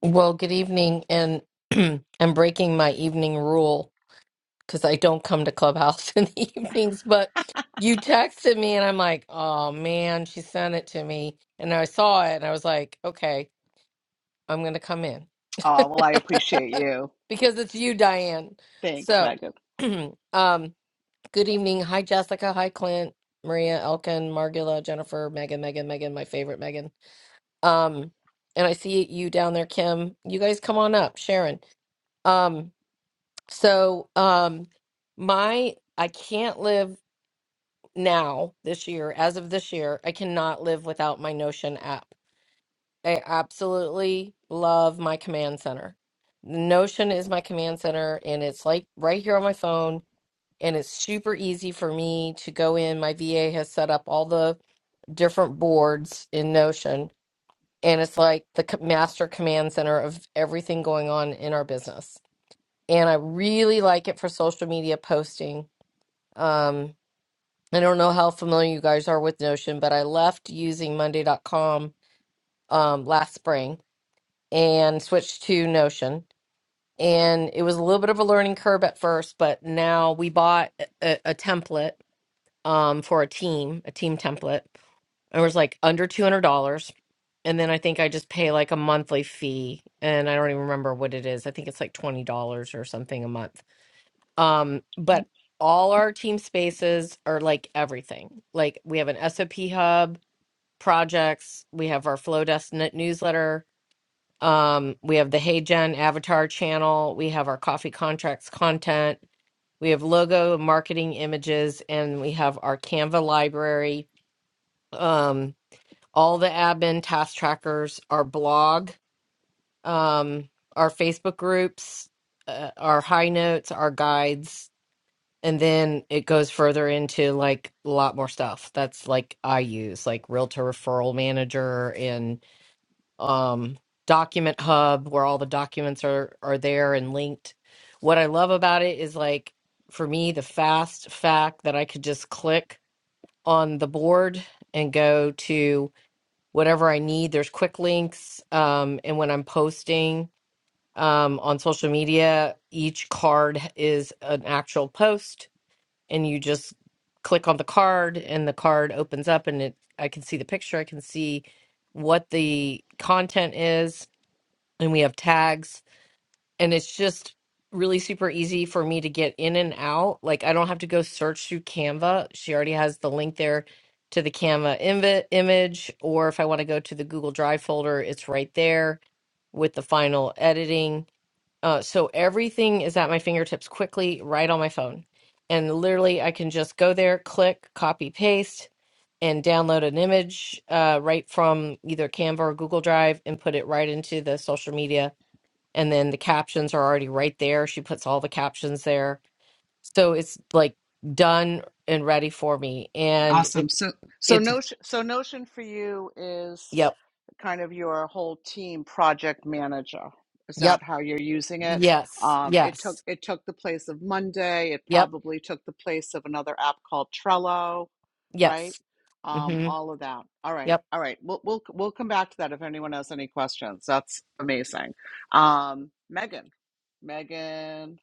Speaker 8: well, good evening, and <clears throat> I'm breaking my evening rule because I don't come to Clubhouse <laughs> in the evenings. But you texted me, and I'm like, oh man, she sent it to me, and I saw it, and I was like, okay, I'm gonna come in <laughs>
Speaker 1: Oh, well, I appreciate you.
Speaker 8: because it's you, Diane.
Speaker 1: Thanks,
Speaker 8: So,
Speaker 1: Megan.
Speaker 8: <clears throat> um, good evening. Hi, Jessica. Hi, Clint, Maria, Elkin, Margula, Jennifer, Megan, Megan, Megan, my favorite Megan. Um, and I see you down there, Kim. You guys come on up, Sharon. Um, so um my I can't live now this year, as of this year, I cannot live without my Notion app. I absolutely love my command center. Notion is my command center and it's like right here on my phone and it's super easy for me to go in. My VA has set up all the different boards in Notion and it's like the co- master command center of everything going on in our business. And I really like it for social media posting. Um, I don't know how familiar you guys are with Notion, but I left using Monday.com um, last spring and switched to Notion. And it was a little bit of a learning curve at first, but now we bought a, a a template um, for a team, a team template. It was like under two hundred dollars, and then I think I just pay like a monthly fee, and I don't even remember what it is. I think it's like twenty dollars or something a month. Um, but all our team spaces are like everything. Like we have an SOP hub, projects. We have our Flow Desk newsletter. Um, we have the Hey Gen Avatar channel. We have our coffee contracts content. We have logo, marketing images, and we have our Canva library. Um, all the admin task trackers, our blog, um, our Facebook groups, uh, our high notes, our guides, and then it goes further into like a lot more stuff. That's like I use like Realtor Referral Manager and um, Document Hub, where all the documents are are there and linked. What I love about it is like for me the fast fact that I could just click on the board and go to whatever I need. There's quick links. Um, and when I'm posting um, on social media, each card is an actual post, and you just click on the card, and the card opens up, and it I can see the picture, I can see what the content is, and we have tags and it's just really super easy for me to get in and out. Like I don't have to go search through Canva. She already has the link there to the Canva inv- image, or if I want to go to the Google Drive folder, it's right there with the final editing. Uh, so everything is at my fingertips quickly, right on my phone. And literally, I can just go there, click, copy, paste, and download an image uh, right from either Canva or Google Drive and put it right into the social media and then the captions are already right there. She puts all the captions there. So it's like done and ready for me. And
Speaker 1: Awesome.
Speaker 8: it,
Speaker 1: So so
Speaker 8: it's,
Speaker 1: Notion so Notion for you is
Speaker 8: yep,
Speaker 1: kind of your whole team project manager. Is
Speaker 8: yep,
Speaker 1: that how you're using it?
Speaker 8: yes,
Speaker 1: Um, it took
Speaker 8: yes,
Speaker 1: it took the place of Monday. It
Speaker 8: yep,
Speaker 1: probably took the place of another app called Trello, right?
Speaker 8: yes.
Speaker 1: Um,
Speaker 8: hmm
Speaker 1: all of that. All right,
Speaker 8: Yep.
Speaker 1: all right. We'll we'll we'll come back to that if anyone has any questions. That's amazing. Um, Megan, Megan,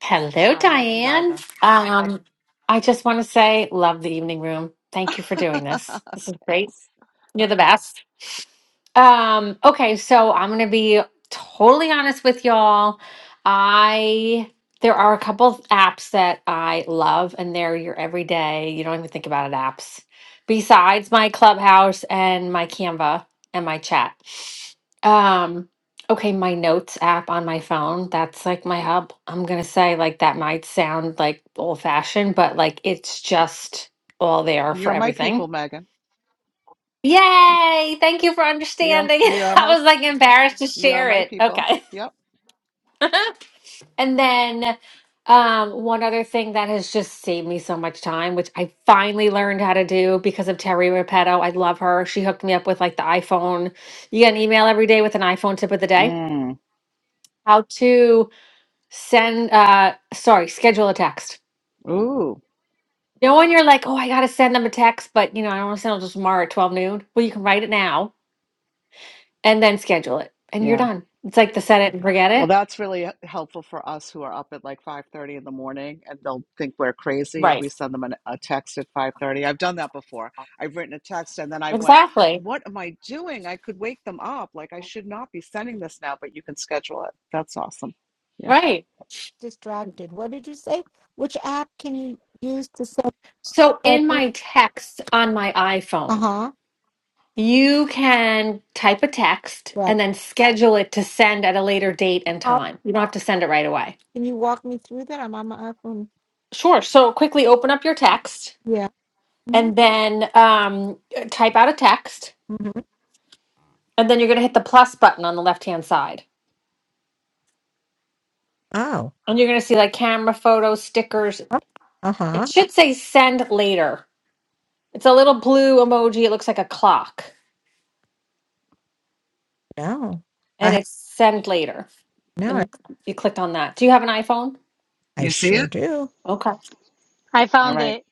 Speaker 9: Hello,
Speaker 1: hi, Megan
Speaker 9: Diane.
Speaker 1: Gardner.
Speaker 9: Um, I just want to say, love the evening room. Thank you
Speaker 1: <laughs>
Speaker 9: for doing this. This is great.
Speaker 1: Thanks.
Speaker 9: You're the best. Um, okay, so I'm gonna be totally honest with y'all. I there are a couple of apps that I love, and they're your everyday, you don't even think about it apps. Besides my Clubhouse and my Canva and my chat. Um, okay, my notes app on my phone, that's like my hub. I'm gonna say like that might sound like old fashioned, but like it's just all there for
Speaker 1: You're my people,
Speaker 9: everything.
Speaker 1: Megan.
Speaker 9: Yay! Thank you for
Speaker 1: You're
Speaker 9: understanding. <laughs>
Speaker 1: you're
Speaker 9: I
Speaker 1: my
Speaker 9: was like embarrassed to
Speaker 1: you're
Speaker 9: share
Speaker 1: my
Speaker 9: it.
Speaker 1: people.
Speaker 9: Okay.
Speaker 1: Yep.
Speaker 9: <laughs> and then um, one other thing that has just saved me so much time, which I finally learned how to do because of Terry Repetto. I love her. She hooked me up with like the iPhone. You get an email every day with an iPhone tip of the day.
Speaker 1: Mm.
Speaker 9: How to send, uh, sorry, schedule a text.
Speaker 1: Ooh.
Speaker 9: You know, when you're like, oh, I got to send them a text, but you know, I don't want to send them just tomorrow at 12 noon. Well, you can write it now and then schedule it and you're
Speaker 1: Yeah.
Speaker 9: done. It's like the set it and forget
Speaker 1: Well,
Speaker 9: it.
Speaker 1: that's really uh, helpful for us who are up at like 5:30 in the morning and they'll think we're crazy if
Speaker 9: Right.
Speaker 1: we send them an, a text at 5:30. I've done that before. I've written a text and then I went,
Speaker 9: Exactly.
Speaker 1: "What am I doing? I could wake them up. Like I should not be sending this now, but you can schedule it." That's awesome. Yeah.
Speaker 9: Right.
Speaker 7: distracted. What did you say? Which app can you use to set
Speaker 9: So in
Speaker 7: purpose?
Speaker 9: my text on my
Speaker 7: Uh
Speaker 9: iPhone,
Speaker 7: huh.
Speaker 9: you can type a text
Speaker 7: Right.
Speaker 9: and then schedule it to send at a later date and
Speaker 7: How
Speaker 9: time. You don't have to send it right away.
Speaker 7: can you walk me through that? I'm on my iPhone.
Speaker 9: Sure. So quickly open up your text
Speaker 7: Yeah. hmm
Speaker 9: and then um, type out a text.
Speaker 7: hmm
Speaker 9: And then you're going to hit the plus button on the left hand side.
Speaker 7: Oh.
Speaker 9: And you're going to see like camera, photos, stickers.
Speaker 7: Uh
Speaker 9: It
Speaker 7: huh.
Speaker 9: should say send later. It's a little blue emoji. It looks like a clock,
Speaker 7: No. I
Speaker 9: and
Speaker 7: have
Speaker 9: it's send later.
Speaker 7: no. I,
Speaker 9: And you click on that. Do you have an iPhone?
Speaker 7: I
Speaker 1: You see
Speaker 7: sure
Speaker 1: it?
Speaker 7: do.
Speaker 9: Okay.
Speaker 10: I
Speaker 1: All
Speaker 10: found
Speaker 1: right.
Speaker 10: it.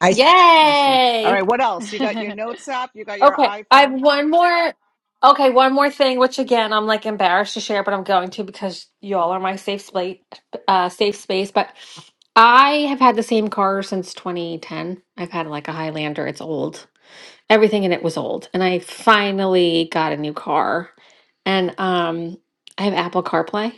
Speaker 7: I see.
Speaker 1: Awesome. All right,
Speaker 9: Yay!
Speaker 1: what else? You got your notes app, you got your
Speaker 9: Okay, I have
Speaker 1: iPhone.
Speaker 9: one more. Okay, one more thing, which again I'm like embarrassed to share, but I'm going to because y'all are my safe space. Uh, safe space. But I have had the same car since 2010. I've had like a Highlander. It's old. Everything in it was old, and I finally got a new car. And um, I have Apple CarPlay.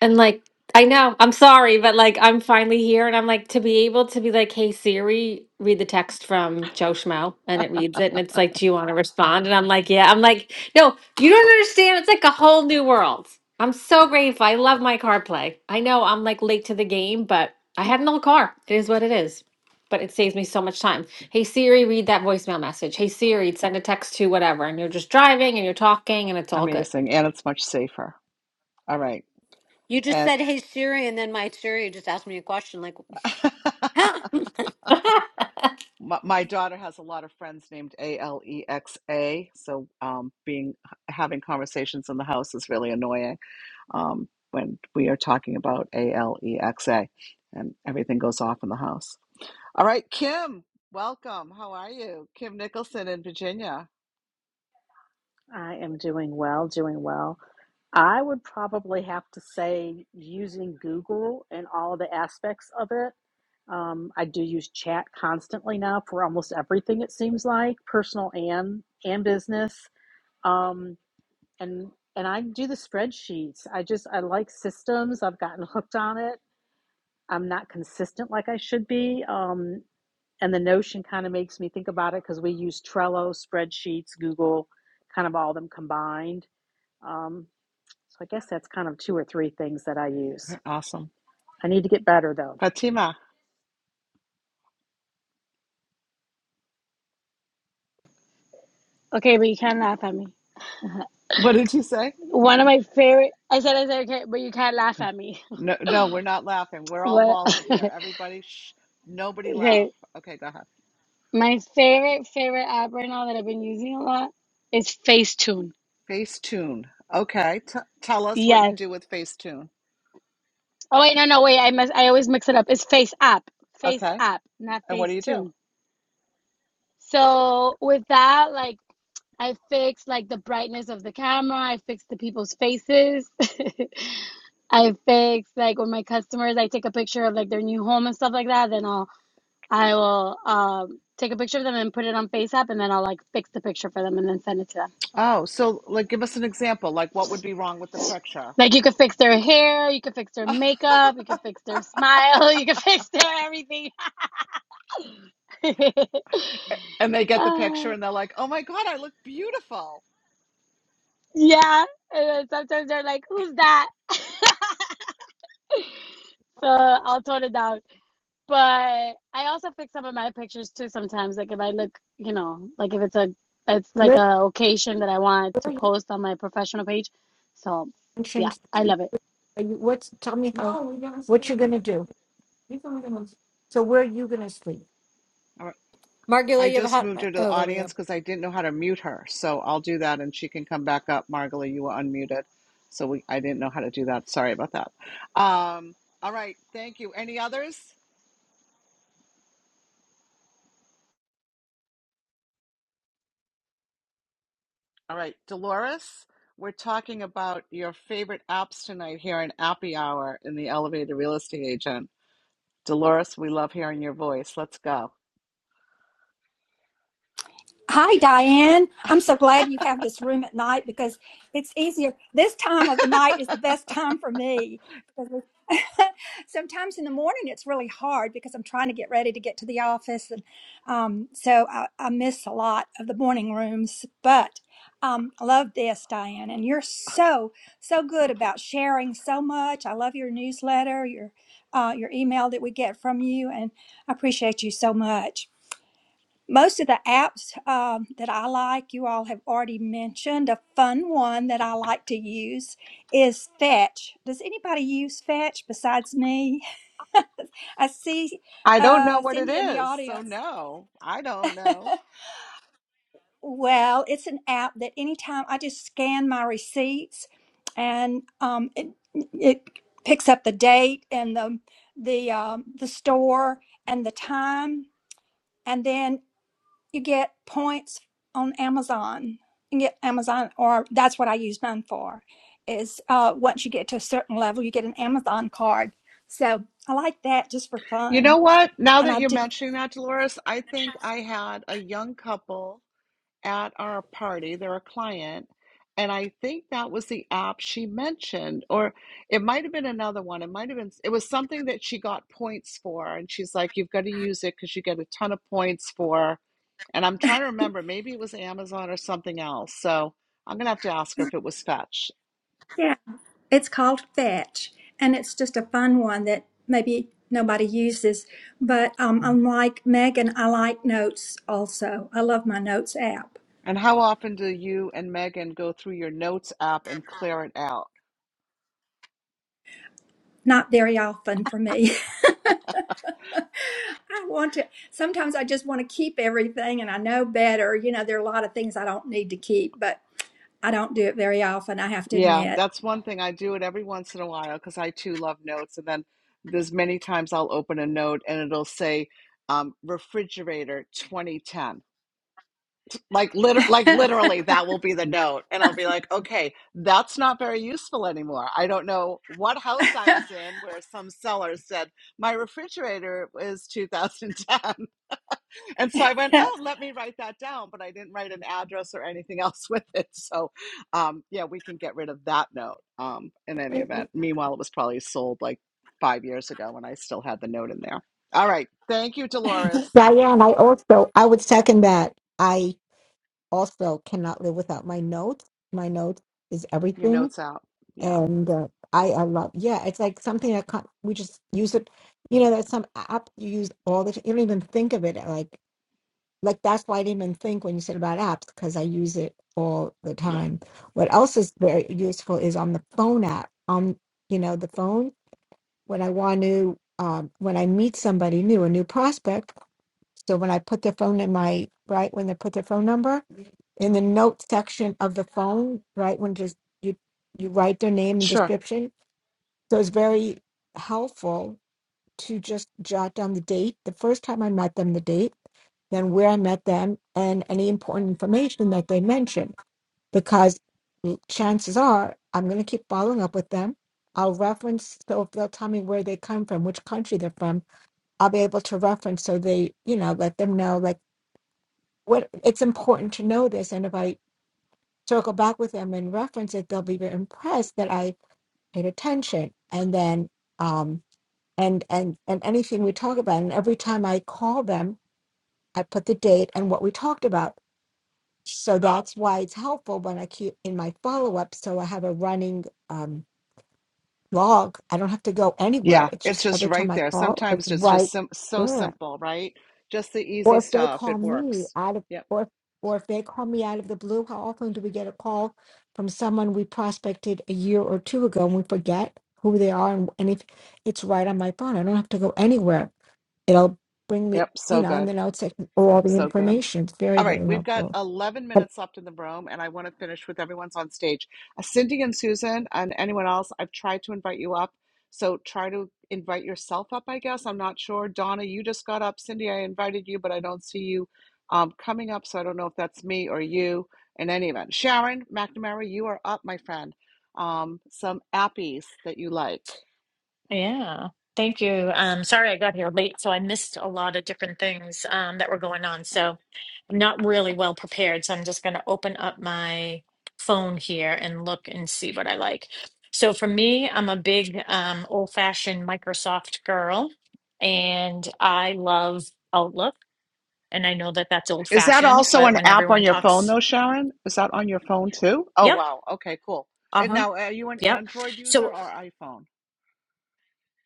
Speaker 9: And like, I know, I'm sorry, but like, I'm finally here and I'm like, to be able to be like, hey, Siri, read the text from Joe Schmo. And it reads it. And it's like, do you want to respond? And I'm like, yeah. I'm like, no, you don't understand. It's like a whole new world. I'm so grateful. I love my car play. I know I'm like late to the game, but I had an old car. It is what it is. But it saves me so much time. Hey, Siri, read that voicemail message. Hey, Siri, send a text to whatever. And you're just driving and you're talking and it's all good.
Speaker 1: Amazing, and it's much safer. All right.
Speaker 5: You just
Speaker 1: And
Speaker 5: said, hey, Siri, and then my Siri just asked me a question like,
Speaker 1: <laughs> my, my daughter has a lot of friends named A L E X A, so um, being having conversations in the house is really annoying um, when we are talking about A L E X A, and everything goes off in the house. All right, Kim, welcome. How are you, Kim Nicholson in Virginia?
Speaker 11: I am doing well, doing well. I would probably have to say using Google and all the aspects of it. Um, I do use chat constantly now for almost everything, it seems like, personal and and business. Um, and and I do the spreadsheets. I just I like systems. I've gotten hooked on it. I'm not consistent like I should be. Um, and the Notion kind of makes me think about it because we use Trello, spreadsheets, Google, kind of all of them combined. Um, so I guess that's kind of two or three things that I use.
Speaker 1: Awesome,
Speaker 11: I need to get better though.
Speaker 1: Fatima.
Speaker 10: <laughs> okay, but you can't laugh at me.
Speaker 1: What did you say?
Speaker 10: One of my favorite. I said I said okay, but you can't laugh at me.
Speaker 1: No, no, we're not laughing.
Speaker 10: <laughs>
Speaker 1: We're all
Speaker 10: what?
Speaker 1: vaulted here. Everybody, shh, nobody
Speaker 10: <laughs>
Speaker 1: laugh.
Speaker 10: okay,
Speaker 1: Okay, go ahead.
Speaker 10: my favorite favorite app right now that I've been using a lot is Facetune.
Speaker 1: Facetune. Okay. T- tell us what you
Speaker 10: Yes.
Speaker 1: do with Facetune.
Speaker 10: Oh wait, no, no, wait. I must. I always mix it up. It's Face App. Face
Speaker 1: Okay.
Speaker 10: App, not
Speaker 1: And what do you do?
Speaker 10: Facetune. So with that, like. I fixed like the brightness of the camera. I fixed the people's faces. <laughs> I fix like with my customers, I take a picture of like their new home and stuff like that. Then I'll I will um take a picture of them and put it on FaceApp, and then I'll like fix the picture for them and then send it to them.
Speaker 1: Oh, so like give us an example. Like what would be wrong with the picture?
Speaker 10: Like you could fix their hair, you could fix their makeup, you
Speaker 1: <laughs>
Speaker 10: could fix their smile, <laughs> you could fix their everything. <laughs> uh,
Speaker 1: and they get the picture and they're like, "Oh my god, I look beautiful."
Speaker 10: yeah, and then sometimes they're like, "Who's that?" <laughs> so I'll tone it down. But I also fix some of my pictures too sometimes. Like if I look, you know, like if it's a it's like
Speaker 7: Let
Speaker 10: a occasion that I want to
Speaker 7: let you
Speaker 10: post on my professional page. So
Speaker 7: can
Speaker 10: yeah,
Speaker 7: change the
Speaker 10: I
Speaker 7: sheet.
Speaker 10: love
Speaker 7: Are you, what's tell me how No, we're gonna what you're sleep. gonna do. We're gonna go to- So where are you gonna sleep?
Speaker 1: All
Speaker 5: <laughs> Margula,
Speaker 1: I
Speaker 5: you have a
Speaker 1: just
Speaker 5: hot.
Speaker 1: moved her to the
Speaker 5: Oh, there we go.
Speaker 1: audience because I didn't know how to mute her. So I'll do that and she can come back up. Margaret, you were unmuted. So we I didn't know how to do that. Sorry about that. Um, all right, thank you. Any others? All right, Dolores, we're talking about your favorite apps tonight here in Appy Hour in the Elevator Real Estate Agent. Dolores, we love hearing your voice. Let's go.
Speaker 12: Hi, Diane. I'm so glad you have this room at night because it's easier. This time of the
Speaker 1: <laughs>
Speaker 12: night is the best time for me. because <laughs> Sometimes in the morning it's really hard because I'm trying to get ready to get to the office, and um, so I, I miss a lot of the morning rooms. But um, I love this, Diane, and you're so so good about sharing so much. I love your newsletter, your uh, your email that we get from you, and I appreciate you so much. Most of the apps um, that I like, you all have already mentioned. A fun one that I like to use is Fetch. Does anybody use Fetch besides me? <laughs> I see
Speaker 1: I don't know
Speaker 12: uh,
Speaker 1: what it
Speaker 12: Cindy in the
Speaker 1: is, so
Speaker 12: audience. <laughs>
Speaker 1: no, I don't know.
Speaker 12: Well, it's an app that anytime I just scan my receipts and um, it, it picks up the date and the the um, the store and the time. And then you get points on Amazon. You get Amazon, or that's what I use mine for. Is uh, once you get to a certain level, you get an Amazon card. So I like that just for
Speaker 1: You
Speaker 12: fun,
Speaker 1: know what? Now
Speaker 12: and
Speaker 1: that
Speaker 12: I
Speaker 1: you're
Speaker 12: do.
Speaker 1: mentioning that, Dolores, I think I had a young couple at our party. They're a client. And I think that was the app she mentioned, or it might have been another one. It might have been, it was something that she got points for. And she's like, you've got to use it because you get a ton of points for. And I'm trying to remember, maybe it was Amazon or something else. So I'm going to have to ask her if it was Fetch.
Speaker 12: Yeah, it's called Fetch, and it's just a fun one that maybe nobody uses. But um, unlike Megan, I like notes also. I love my notes app.
Speaker 1: And how often do you and Megan go through your notes app and clear it out?
Speaker 12: Not very often for me. <laughs> <laughs> I want to, sometimes I just want to keep everything and I know better. You know, there are a lot of things I don't need to keep, but I don't do it very often, I have to
Speaker 1: Yeah,
Speaker 12: admit.
Speaker 1: that's one thing. I do it every once in a while because I too love notes. And then there's many times I'll open a note and it'll say um, refrigerator 2010. Like liter- like literally that will be the note and I'll be like, "Okay, that's not very useful anymore." I don't know what house I was in where some seller said, "My refrigerator is 2010." <laughs> And so I went, "Oh, let me write that down," but I didn't write an address or anything <laughs> else with it. So, um, yeah, we can get rid of that note um, in any event. Meanwhile, it was probably sold like 5 years ago and I still had the note in there. All right. Thank you,
Speaker 12: <laughs>
Speaker 1: Dolores.
Speaker 7: Diane, I also I would second that. I also cannot live without my notes. My notes is
Speaker 1: Your
Speaker 7: everything,
Speaker 1: notes out. Yeah.
Speaker 7: and uh, I I love. Yeah, it's like something that can't, we just use it. You know, there's some app you use all the time. You don't even think of it like like that's why I didn't even think when you said about apps because I use it all the
Speaker 1: Yeah.
Speaker 7: time. What else is very useful is on the phone app on you know the phone when I want to um, when I meet somebody new, a new prospect. So when I put their phone in my right when they put their phone number, in the note section of the phone, right? When just you you write their name and
Speaker 1: Sure.
Speaker 7: description. So it's very helpful to just jot down the date, the first time I met them, the date, then where I met them, and any important information that they mention, because chances are I'm going to keep following up with them. I'll reference, so if they'll tell me where they come from, which country they're from, I'll be able to reference so they, you know, let them know like what it's important to know this. And if I circle back with them and reference it, they'll be very impressed that I paid attention. And then, um, and and and anything we talk about, and every time I call them, I put the date and what we talked about. So that's why it's helpful when I keep in my follow up. So I have a running um, log. I don't have to go anywhere.
Speaker 1: Yeah,
Speaker 7: It's
Speaker 1: it's
Speaker 7: just
Speaker 1: just
Speaker 7: every
Speaker 1: right
Speaker 7: time I
Speaker 1: there.
Speaker 7: call, it's
Speaker 1: Sometimes it's
Speaker 7: right
Speaker 1: just sim so
Speaker 7: there.
Speaker 1: simple, right? Just the easy
Speaker 7: Or if they
Speaker 1: stuff.
Speaker 7: call
Speaker 1: It
Speaker 7: me
Speaker 1: works.
Speaker 7: out of,
Speaker 1: Yep.
Speaker 7: or if, or if they call me out of the blue, how often do we get a call from someone we prospected a year or two ago and we forget who they are? And, and if it's right on my phone, I don't have to go anywhere. It'll bring me,
Speaker 1: Yep.
Speaker 7: you
Speaker 1: So
Speaker 7: know, and
Speaker 1: good.
Speaker 7: then I'll take all the
Speaker 1: So good.
Speaker 7: information. It's very,
Speaker 1: All right,
Speaker 7: very
Speaker 1: we've got
Speaker 7: helpful.
Speaker 1: 11 minutes left in the room, and I want to finish with everyone's on stage. Uh, Cindy and Susan, and anyone else, I've tried to invite you up. So try to invite yourself up, I guess. I'm not sure. Donna, you just got up. Cindy, I invited you, but I don't see you um, coming up. So I don't know if that's me or you in any event. Sharon McNamara, you are up, my friend. Um, some appies that you like.
Speaker 13: Yeah. Thank you. Um, sorry I got here late, so I missed a lot of different things um, that were going on. So I'm not really well prepared. So I'm just going to open up my phone here and look and see what I like. So for me, I'm a big um, old-fashioned Microsoft girl, and I love Outlook. And I know that that's
Speaker 1: Is that
Speaker 13: old-fashioned,
Speaker 1: also
Speaker 13: but
Speaker 1: an
Speaker 13: when
Speaker 1: app on
Speaker 13: everyone
Speaker 1: your phone
Speaker 13: talks,
Speaker 1: though, Sharon? Is that on your phone too? Oh
Speaker 13: yep,
Speaker 1: wow. Okay, cool. And
Speaker 13: uh-huh,
Speaker 1: now are you an
Speaker 13: yep.
Speaker 1: Android user
Speaker 13: So
Speaker 1: or iPhone?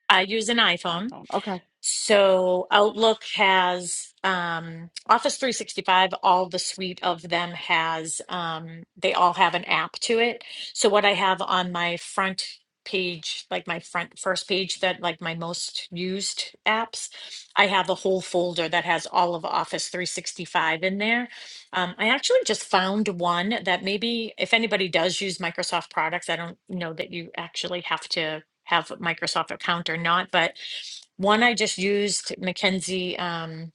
Speaker 13: I use an iPhone.
Speaker 1: iPhone. Okay.
Speaker 13: So Outlook has um, Office 365, all the suite of them has, um, they all have an app to it. So what I have on my front page, like my front first page that like my most used apps, I have a whole folder that has all of Office 365 in there. Um, I actually just found one that maybe if anybody does use Microsoft products, I don't know that you actually have to have a Microsoft account or not, but one I just used Mackenzie um,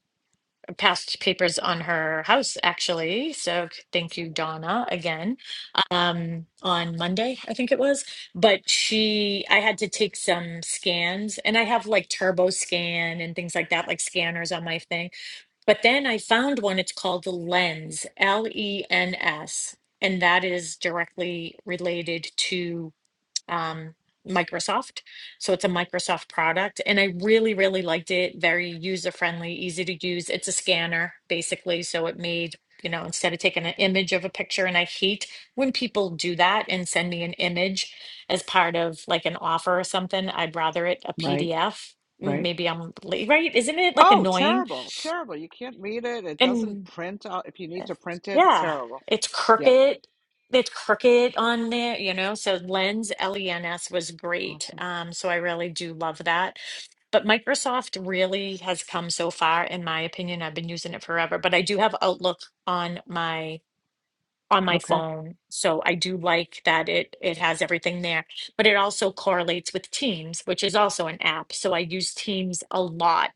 Speaker 13: passed papers on her house actually. So thank you, Donna, again. Um, on Monday, I think it was. But she, I had to take some scans, and I have like Turbo Scan and things like that, like scanners on my thing but then I found one, it's called the Lens, L E N S, and that is directly related to um, Microsoft. So it's a Microsoft product. And I really, really liked it. Very user friendly, easy to use. It's a scanner, basically. So it made, you know, instead of taking an image of a picture, and I hate when people do that and send me an image as part of like an offer or something, I'd rather it a
Speaker 1: Right,
Speaker 13: PDF.
Speaker 1: right.
Speaker 13: Maybe I'm late, right? Isn't it like
Speaker 1: Oh,
Speaker 13: annoying?
Speaker 1: terrible. Terrible. You can't read it. It doesn't
Speaker 13: And
Speaker 1: print out if you need to print it. It's
Speaker 13: yeah,
Speaker 1: terrible.
Speaker 13: it's
Speaker 1: Yeah.
Speaker 13: Cricket. It's Cricket on there, you know. So Lens, L-E-N-S was great.
Speaker 1: Awesome.
Speaker 13: Um, so I really do love that. But Microsoft really has come so far, in my opinion. I've been using it forever, but I do have Outlook on my on my
Speaker 1: Okay.
Speaker 13: phone, so I do like that it it has everything there. But it also correlates with Teams, which is also an app. So I use Teams a lot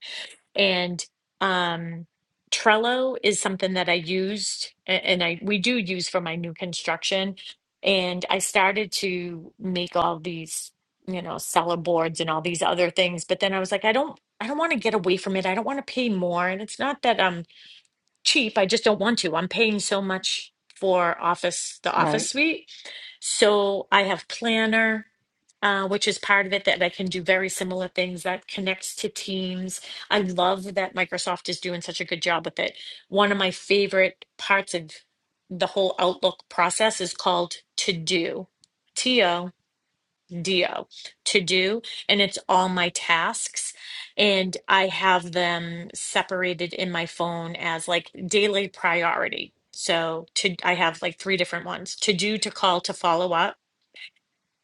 Speaker 13: and um, Trello is something that I used a- and I we do use for my new construction. And I started to make all these, you know, seller boards and all these other things. But then I was like, I don't I don't want to get away from it. I don't want to pay more. And it's not that I'm cheap. I just don't want to. I'm paying so much for office, the office
Speaker 1: Right.
Speaker 13: suite. So I have Planner, uh, which is part of it that I can do very similar things that connects to Teams. I love that Microsoft is doing such a good job with it. One of my favorite parts of the whole Outlook process is called To Do. Dio to do, and it's all my tasks. And I have them separated in my phone as like daily priority. So to I have like three different ones to do, to call, to follow up.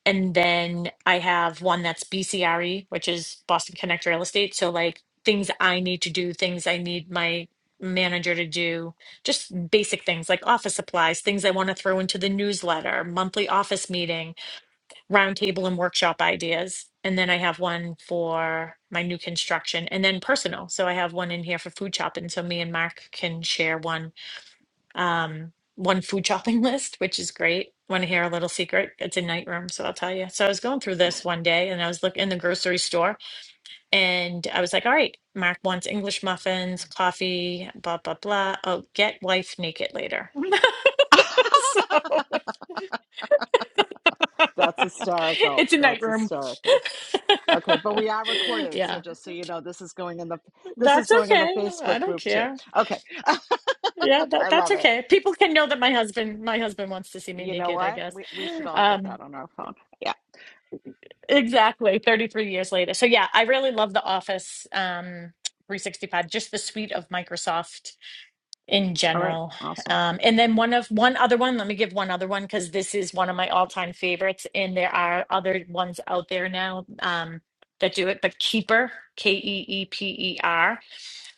Speaker 13: And then I have one that's BCRE, which is Boston Connect Real Estate. So like things I need to do, things I need my manager to do, just basic things like office supplies, things I want to throw into the newsletter, monthly office meeting roundtable and workshop ideas. And then I have one for my new construction and then personal. So I have one in here for food shopping. So me and Mark can share one um one food shopping <laughs> list, which is great. Want to hear a little secret? It's a night room, so I'll tell you. So I was going through this one day and I was looking in the grocery store and I was like, all right, Mark wants English muffins, coffee, blah, blah, blah. Oh, get wife naked later. <laughs> so
Speaker 1: <laughs>
Speaker 13: <laughs>
Speaker 1: That's
Speaker 13: <laughs>
Speaker 1: hysterical.
Speaker 13: it's a night
Speaker 1: That's
Speaker 13: room.
Speaker 1: hysterical. Okay, but we are
Speaker 13: <laughs>
Speaker 1: recorded, so
Speaker 13: yeah,
Speaker 1: just so you know, this is going in the this is
Speaker 13: that's
Speaker 1: going in the
Speaker 13: okay. I
Speaker 1: Facebook
Speaker 13: don't
Speaker 1: group too.
Speaker 13: care.
Speaker 1: Okay.
Speaker 13: Yeah,
Speaker 1: <laughs>
Speaker 13: that
Speaker 1: I
Speaker 13: that's
Speaker 1: love it.
Speaker 13: okay. People can know that my husband my husband wants to see me
Speaker 1: You know
Speaker 13: naked, I
Speaker 1: what?
Speaker 13: guess.
Speaker 1: We we should all get that
Speaker 13: Um
Speaker 1: on our phone. Yeah.
Speaker 13: exactly, 33 years later. So yeah, I really love the Office um 365, just the suite of Microsoft in
Speaker 1: All right.
Speaker 13: general.
Speaker 1: Awesome.
Speaker 13: Um, and then one of one other one, let me give one other one because this is one of my all-time favorites, and there are other ones out there now um, that do it, but Keeper, K-E-E-P-E-R.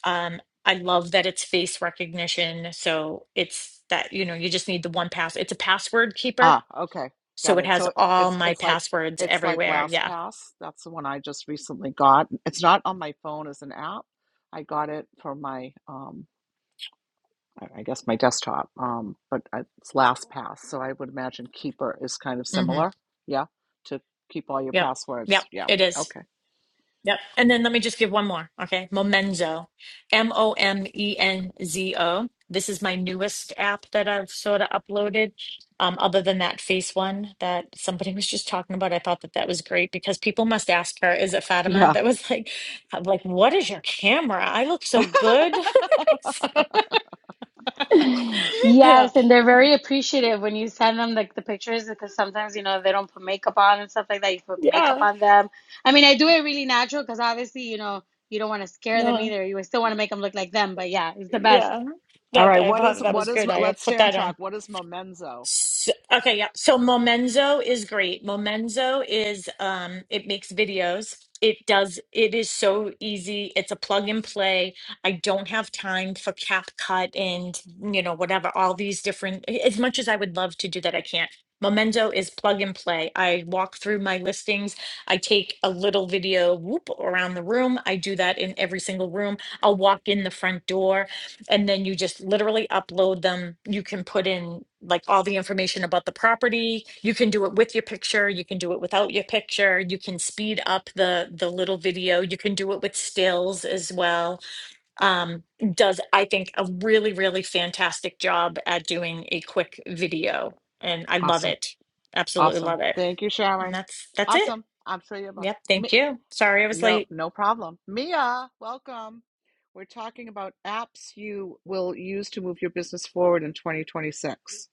Speaker 13: Um, I love that it's face recognition, so it's that, you know, you just need the one pass. It's a password keeper,
Speaker 1: Ah, okay.
Speaker 13: so
Speaker 1: Got
Speaker 13: it
Speaker 1: it.
Speaker 13: has
Speaker 1: So
Speaker 13: all
Speaker 1: it's
Speaker 13: my
Speaker 1: it's like
Speaker 13: passwords
Speaker 1: it's like
Speaker 13: everywhere. Yeah.
Speaker 1: LastPass. That's the one I just recently got. It's not on my phone as an app. I got it for my um I I guess my desktop. Um, but uh, it's LastPass. So I would imagine Keeper is kind of
Speaker 13: Mm-hmm.
Speaker 1: similar. Yeah. To keep all your
Speaker 13: Yep.
Speaker 1: passwords.
Speaker 13: Yep,
Speaker 1: Yeah.
Speaker 13: it is.
Speaker 1: Okay.
Speaker 13: Yep. And then let me just give one more. Okay. Momenzo. M O M E N Z O. This is my newest app that I've sort of uploaded. Um, other than that face one that somebody <laughs> was just talking about, I thought that that was great because people must ask her, is it Fatima?
Speaker 1: Yeah.
Speaker 13: That was like, I'm like, what is your camera? I look so good. <laughs> So,
Speaker 10: it. <laughs>
Speaker 13: yeah.
Speaker 10: Yes, and they're very appreciative when you send them like the pictures because sometimes you know they don't put makeup on and stuff like that. You put makeup
Speaker 13: Yeah.
Speaker 10: on them. I mean, I do it really natural because obviously you know you don't want to scare them
Speaker 13: No.
Speaker 10: either. You still want to make them look like them, but yeah, it's the best.
Speaker 13: Yeah.
Speaker 1: All
Speaker 13: That,
Speaker 1: right.
Speaker 13: I
Speaker 1: What is
Speaker 13: thought that
Speaker 1: what
Speaker 13: was
Speaker 1: is
Speaker 13: good. I
Speaker 1: let's stay
Speaker 13: put
Speaker 1: on
Speaker 13: that on.
Speaker 1: track. What is Momenzo?
Speaker 13: S okay, yeah. So Momenzo is great. Momenzo is um it makes videos. It does it is so easy. It's a plug and play. I don't have time for CapCut and you know whatever all these different as much as I would love to do that I can't. Momenzo is plug and play. I walk through my listings. I take a little video whoop around the room. I do that in every single room. I'll walk in the front door and then you just literally upload them. You can put in like all the information about the property. You can do it with your picture, you can do it without your picture. You can speed up the the little video. You can do it with stills as well. Um, does I think a really really fantastic job at doing a quick video and I love
Speaker 1: Awesome.
Speaker 13: it. Absolutely
Speaker 1: Awesome.
Speaker 13: love it.
Speaker 1: Thank you,
Speaker 13: And
Speaker 1: Sharon.
Speaker 13: that's that's it.
Speaker 1: Awesome. I'm sure you have a
Speaker 13: Yep, thank
Speaker 1: Mi-
Speaker 13: you. Sorry I was
Speaker 1: no
Speaker 13: late.
Speaker 1: no problem. Mia, welcome. We're talking about apps you will use to move your business forward in 2026.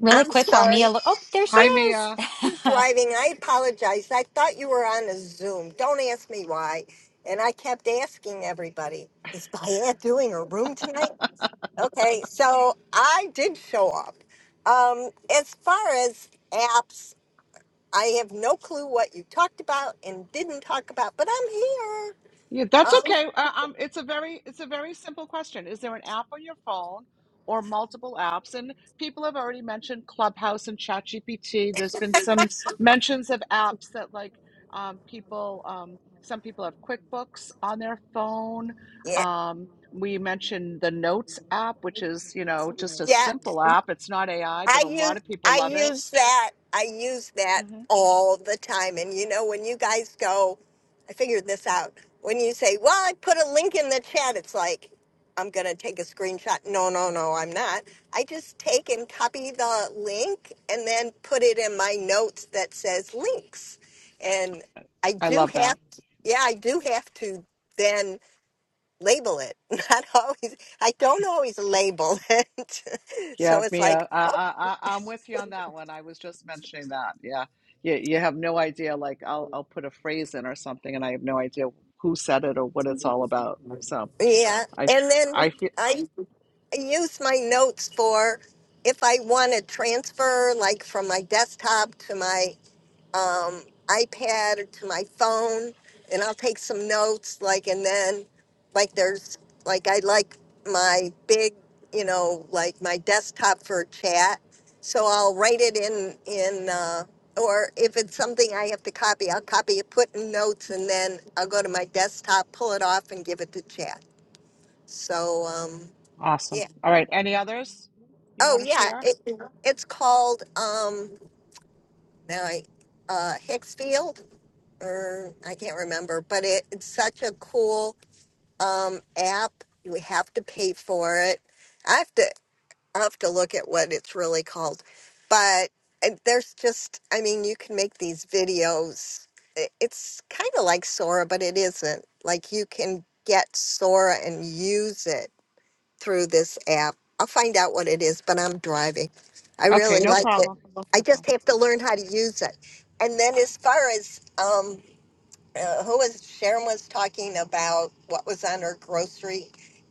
Speaker 2: Really
Speaker 14: I'm
Speaker 2: quick while
Speaker 14: sorry.
Speaker 2: Mia look. Oh, there she
Speaker 1: Hi,
Speaker 2: is.
Speaker 1: Mia.
Speaker 14: I'm
Speaker 2: <laughs>
Speaker 14: driving. I apologize. I thought you were on a Zoom. Don't ask me why. And I kept asking everybody, is Diane doing her room tonight? Okay, so I did show up. Um, as far as apps, I have no clue what you talked about and didn't talk about, but I'm here.
Speaker 1: Yeah, that's
Speaker 14: Um,
Speaker 1: okay. Uh, um, it's a very it's a very simple question. Is there an app on your phone or multiple apps? And people have already mentioned Clubhouse and ChatGPT. There's been some mentions of apps that like um, people um, some people have QuickBooks on their phone.
Speaker 14: yeah,
Speaker 1: Um, we mentioned the Notes app, which is, you know, just a
Speaker 14: yeah.
Speaker 1: simple app. It's not AI, but
Speaker 14: I
Speaker 1: a lot
Speaker 14: use
Speaker 1: of people
Speaker 14: I
Speaker 1: love it.
Speaker 14: use that I use that
Speaker 1: hmm
Speaker 14: all the time. And you know, when you guys go, I figured this out. When you say, "Well, I put a link in the chat," it's like I'm gonna take a screenshot. No, no, no, I'm not. I just take and copy the link and then put it in my notes that says links. And I
Speaker 1: I
Speaker 14: do
Speaker 1: love that.
Speaker 14: have, yeah, I do have to then label it. <laughs> Not always. I don't always label it. <laughs>
Speaker 1: Yeah,
Speaker 14: so it's like,
Speaker 1: Mia, I, I, I- I'm with you on that one. I was just mentioning that. Yeah, you, you have no idea. Like, I'll, I'll put a phrase in or something, and I have no idea who said it or what it's all about. So
Speaker 14: Yeah,
Speaker 1: I,
Speaker 14: and then
Speaker 1: I feel
Speaker 14: I use my notes for if I want to transfer, like from my desktop to my um, iPad or to my phone, and I'll take some notes, like, and then, like, there's, like, I like my big, you know, like my desktop for chat, so I'll write it in, in, uh, or if it's something I have to copy, I'll copy it, put in notes, and then I'll go to my desktop, pull it off, and give it to chat. So um,
Speaker 1: awesome.
Speaker 14: yeah.
Speaker 1: All right, any others you
Speaker 14: Oh
Speaker 1: want to
Speaker 14: yeah,
Speaker 1: share?
Speaker 14: it, it's called um, now I, uh, Hicksfield or I can't remember, but it, it's such a cool um, app. You have to pay for it. I have to I have to look at what it's really called, but and there's just I mean you can make these videos. I- It's kind of like Sora, but it isn't. Like you can get Sora and use it through this app. I'll find out what it is, but I'm driving. I
Speaker 1: Okay,
Speaker 14: really
Speaker 1: no
Speaker 14: like it.
Speaker 1: problem.
Speaker 14: I
Speaker 1: No problem.
Speaker 14: just have to learn how to use it. And then, as far as um, uh, who was Sharon was talking about what was on her grocery,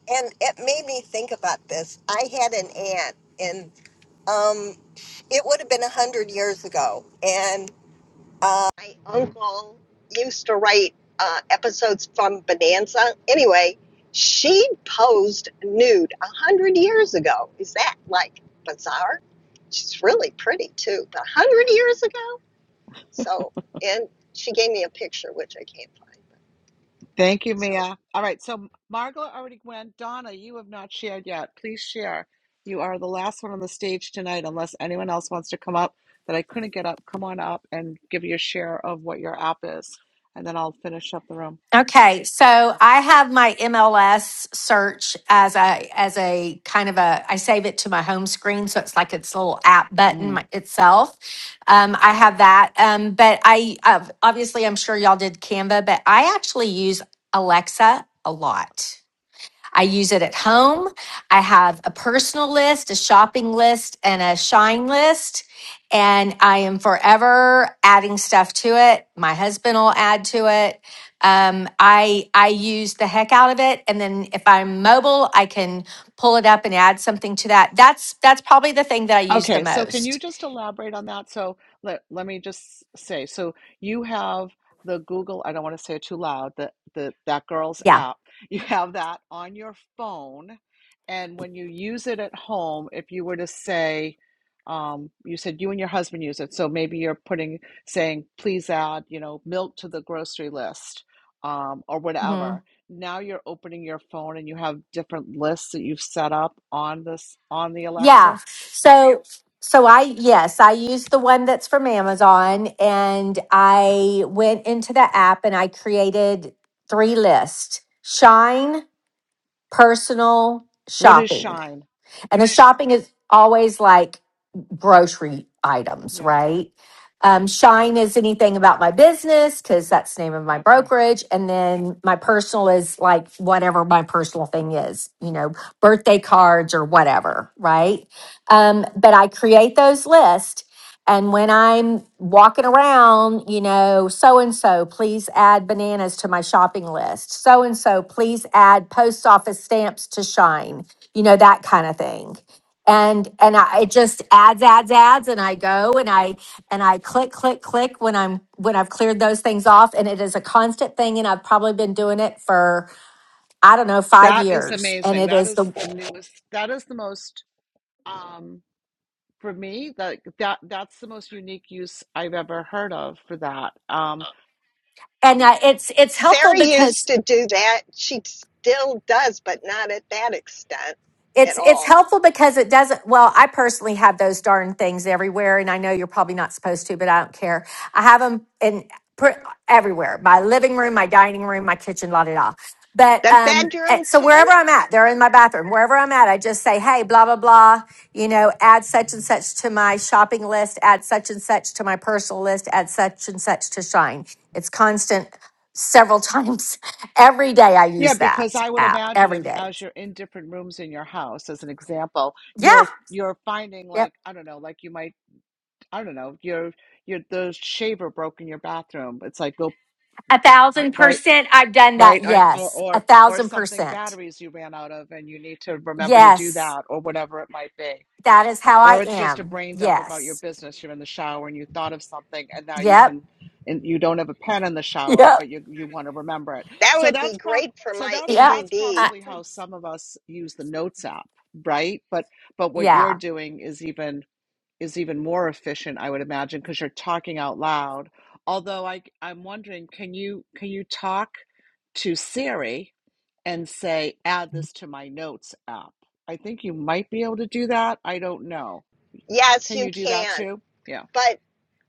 Speaker 14: and it made me think about this. I had an aunt, and um, it would have been a hundred years ago, uh, my uncle used to write uh, episodes from Bonanza. Anyway, she posed nude a hundred years ago. Is that like bizarre? She's really pretty too, but a hundred years ago. So, and she gave me a picture which I can't find. But,
Speaker 1: Thank you,
Speaker 14: so
Speaker 1: Mia. All right, so Margola already went. Donna, you have not shared yet. Please share. You are the last one on the stage tonight, unless anyone else wants to come up that I couldn't get up. Come on up and give your share of what your app is, and then I'll finish up the room.
Speaker 15: Okay, so I have my MLS search as a as a kind of a I save it to my home screen, so it's like its little app button my- itself. Um, I have that, um, but I uh, obviously I'm sure y'all did Canva, but I actually use Alexa a lot. I use it at home. I have a personal list, a shopping list, and a shine list. And I am forever adding stuff to it. My husband will add to it. Um, I I use the heck out of it, and then if I'm mobile, I can pull it up and add something to that. That's that's probably the thing that I use the
Speaker 1: Okay, so can you
Speaker 15: most.
Speaker 1: just elaborate on that? So let let me just say, so you have the Google, I don't want to say it too loud, the the that girl's
Speaker 15: Yeah.
Speaker 1: app. <laughs> You have that on your phone, and when you use it at home, if you were to say, um, you said you and your husband use it, so maybe you're putting saying, please add, you know, milk to the grocery list, um, or
Speaker 15: Mhm.
Speaker 1: whatever. Now you're opening your phone and you have different lists that you've set up on this on the Alexa.
Speaker 15: Yeah. So so I yes, I used the one that's from Amazon and I went into the app and I created three lists. Shine, personal,
Speaker 1: What is
Speaker 15: shopping.
Speaker 1: shine?
Speaker 15: And the shopping is always like grocery items,
Speaker 1: Yeah.
Speaker 15: right? Um, Shine is anything about my business because that's the name of my
Speaker 1: Okay.
Speaker 15: brokerage. And then my personal is like whatever my personal thing is, you know, birthday cards or whatever, right? Um, but I create those lists. And when I'm walking around, you know, so and so, please add bananas to my shopping list. So and so, please add post office stamps to Shine you know that kind of thing and and I, it just adds adds adds and i go and i and i click click click when i'm when i've cleared those things off and it is a constant thing and i've probably been doing it for i don't know five
Speaker 1: That is
Speaker 15: years and
Speaker 1: amazing.
Speaker 15: it
Speaker 1: That
Speaker 15: is
Speaker 1: is
Speaker 15: the
Speaker 1: the newest. That is the most um for me that that that's the most unique use I've ever heard of for that. Um
Speaker 15: and I, it's it's helpful
Speaker 14: Sarah
Speaker 15: because
Speaker 14: used to do that. She still does, but not at that extent
Speaker 15: It's
Speaker 14: at
Speaker 15: it's
Speaker 14: all.
Speaker 15: helpful because it doesn't well, I personally have those darn things everywhere and I know you're probably not supposed to, but I don't care. I have them in pr- everywhere. My living room, my dining room, my kitchen, la da da. But
Speaker 14: The
Speaker 15: um eh,
Speaker 14: bedroom
Speaker 15: so
Speaker 14: too.
Speaker 15: wherever I'm at, they're in my bathroom. Wherever I'm at, I just say, "Hey, blah blah blah, you know, add such and such to my shopping list, add such and such to my personal list, add such and such to Shine." It's constant several times <laughs> every day I
Speaker 1: yeah,
Speaker 15: use
Speaker 1: because
Speaker 15: that
Speaker 1: I would
Speaker 15: app
Speaker 1: imagine
Speaker 15: every
Speaker 1: if
Speaker 15: day.
Speaker 1: as you're in different rooms in your house as an example,
Speaker 15: Yeah.
Speaker 1: you're you're finding
Speaker 15: Yep.
Speaker 1: like I don't know, like you might I don't know, your your the shaver broke in your bathroom. It's like go
Speaker 15: A thousand
Speaker 1: right
Speaker 15: percent. I've done that.
Speaker 1: right or or
Speaker 15: Yes. A
Speaker 1: or or
Speaker 15: thousand
Speaker 1: something
Speaker 15: percent.
Speaker 1: batteries you ran out of and you need to remember to do
Speaker 15: Yes.
Speaker 1: that or whatever it might be
Speaker 15: That is how I
Speaker 1: or it's just a
Speaker 15: am.
Speaker 1: brain dump about your
Speaker 15: Yes.
Speaker 1: business you're in the shower and you thought of something and now you
Speaker 15: Yep.
Speaker 1: can and you don't have a pen in the shower
Speaker 15: Yep.
Speaker 1: but you you want to remember it
Speaker 14: That
Speaker 1: so
Speaker 14: would be
Speaker 1: that's pro-
Speaker 14: great for
Speaker 1: so
Speaker 14: my
Speaker 1: that's
Speaker 15: Yep.
Speaker 1: that's
Speaker 15: I,
Speaker 14: ADD.
Speaker 1: probably how some of us use the notes app right but but what you're
Speaker 15: yeah.
Speaker 1: doing is even is even more efficient i would imagine because you're talking out loud although i i'm wondering can you can you talk to siri and say add this to my notes app i think you might be able to do that i don't know
Speaker 14: Yes,
Speaker 1: can
Speaker 14: you
Speaker 1: you do that
Speaker 14: can.
Speaker 1: too? Yeah.
Speaker 14: But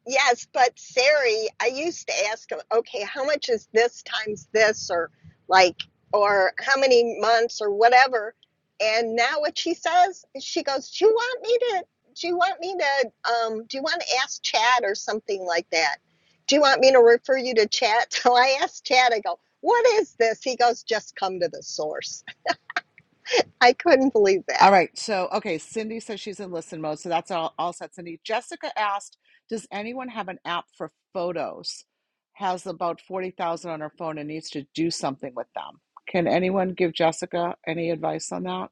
Speaker 14: yes, but Sari, I used to ask him, okay, how much is this times this, or like, or how many months, or whatever. And now what she says, she goes, do you want me to, do you want me to, um, do you want to ask Chad or something like that? Do you want me to refer you to Chad? <laughs> So I asked Chad, I go, what is this? He goes, just come to the source. <laughs> I couldn't believe that.
Speaker 1: All right. So, okay. Cindy says she's in listen mode. So that's all, all set, Cindy. Jessica asked Does anyone have an app for photos? Has about 40,000 on her phone and needs to do something with them. Can anyone give Jessica any advice on that?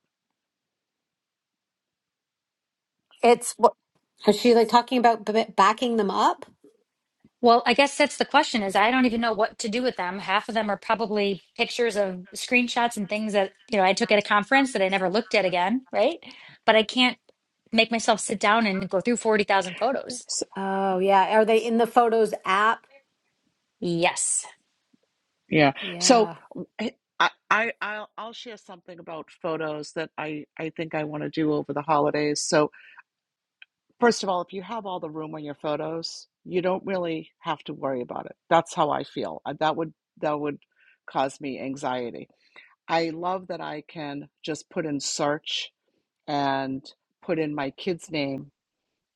Speaker 15: It's,
Speaker 5: Is she like talking about b- backing them up?
Speaker 2: Well, I guess that's the question is I don't even know what to do with them. Half of them are probably pictures of screenshots and things that, you know, I took at a conference that I never looked at again, right? But I can't make myself sit down and go through 40,000 photos.
Speaker 1: So,
Speaker 5: Oh, yeah. Are they in the Photos app?
Speaker 2: Yes.
Speaker 1: Yeah. So
Speaker 5: Yeah.
Speaker 1: I, I I'll I'll share something about photos that I I think I want to do over the holidays. So First of all, if you have all the room on your photos, you don't really have to worry about it. That's how I feel. Uh, That would that would cause me anxiety. I love that I can just put in search and put in my kid's name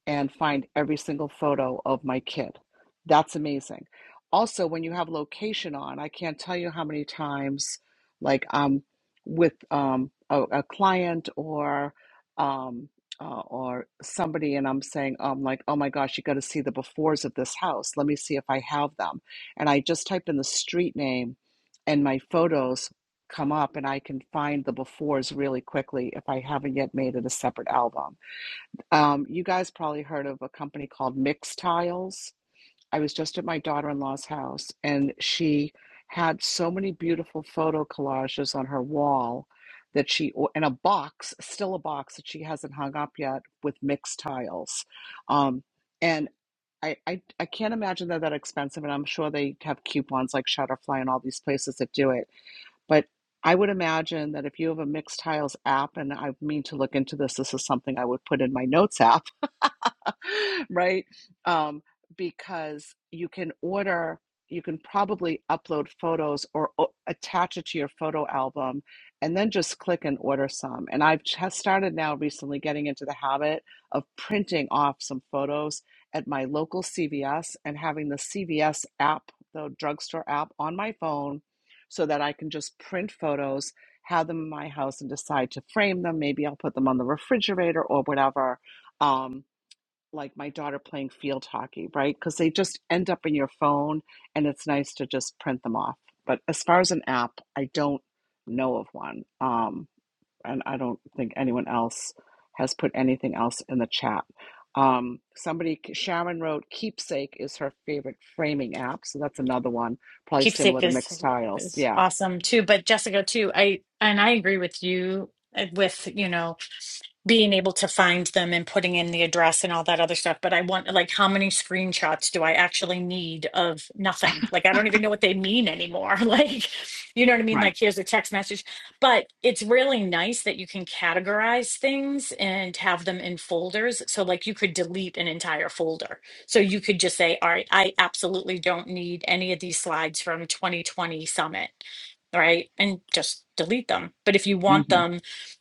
Speaker 1: and find every single photo of my kid. That's amazing. Also, when you have location on, I can't tell you how many times, like um, with um, a, a client or um, uh, or somebody, and I'm saying, um, like, oh my gosh, you got to see the befores of this house. Let me see if I have them. And I just type in the street name, and my photos come up, and I can find the befores really quickly if I haven't yet made it a separate album. Um, you guys probably heard of a company called Mix Tiles. I was just at my daughter-in-law's house, and she had so many beautiful photo collages on her wall that she, in a box, still a box that she hasn't hung up yet with Mix Tiles. Um, and I, I, I can't imagine they're that expensive, and I'm sure they have coupons like Shutterfly and all these places that do it. But I would imagine that if you have a Mix Tiles app, and I mean to look into this, this is something I would put in my notes app <laughs> right? Um, because you can order, you can probably upload photos or o- attach it to your photo album and then just click and order some. And I've just started now recently getting into the habit of printing off some photos at my local CVS and having the CVS app, the drugstore app on my phone so that I can just print photos, have them in my house and decide to frame them. Maybe I'll put them on the refrigerator or whatever. Um, like my daughter playing field hockey, right? Because they just end up in your phone and it's nice to just print them off. But as far as an app, I don't know of one. Um, and I don't think anyone else has put anything else in the chat. Um, somebody, Sharon wrote, Keepsake is her favorite framing app. So that's another one, probably similar
Speaker 13: keepsake
Speaker 1: to
Speaker 13: is
Speaker 1: Mixed Tiles.
Speaker 13: is
Speaker 1: Yeah,
Speaker 13: awesome too but jessica too i and i agree with you uh, with you know being able to find them and putting in the address and all that other stuff. But I want, like, how many screenshots do I actually need of nothing? Like, I don't even know what they mean anymore. <laughs> Like, you know what I mean?
Speaker 1: right.
Speaker 13: Like, here's a text message. But it's really nice that you can categorize things and have them in folders. So, like, you could delete an entire folder. So you could just say, all right, I absolutely don't need any of these slides from 2020 Summit. Right. And just delete them. But if you want
Speaker 1: Mm-hmm.
Speaker 13: them,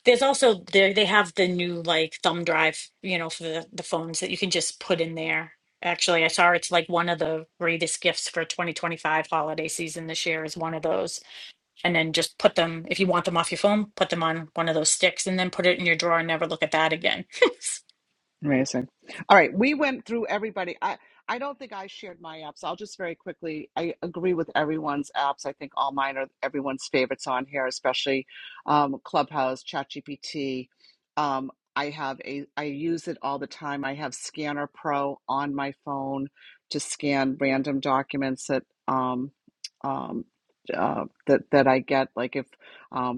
Speaker 13: there's also they they have the new like thumb drive, you know, for the, the phones that you can just put in there. Actually, I saw it's like one of the greatest gifts for 2025 holiday season this year is one of those. And then just put them, if you want them off your phone, put them on one of those sticks and then put it in your drawer and never look at that again. <laughs>
Speaker 1: Amazing. All right, we went through everybody. I I don't think I shared my apps. I'll just very quickly. I agree with everyone's apps. I think all mine are everyone's favorites on here, especially um, Clubhouse, ChatGPT. Um, I have a. I use it all the time. I have Scanner Pro on my phone to scan random documents that um, um, uh, that that I get. Like if um.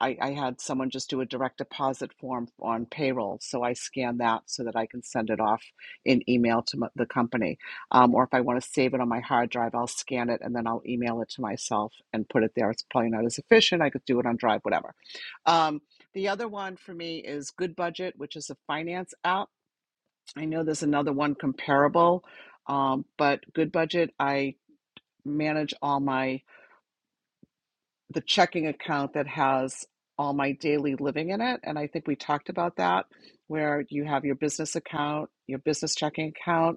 Speaker 1: I, I had someone just do a direct deposit form on payroll, so I scan that so that I can send it off in email to m- the company. Um, or if I want to save it on my hard drive, I'll scan it and then I'll email it to myself and put it there. It's probably not as efficient. I could do it on Drive, whatever. Um, the other one for me is Good Budget, which is a finance app. I know there's another one comparable, um, but Good Budget, I manage all my the checking account that has all my daily living in it. And I think we talked about that, where you have your business account, your business checking account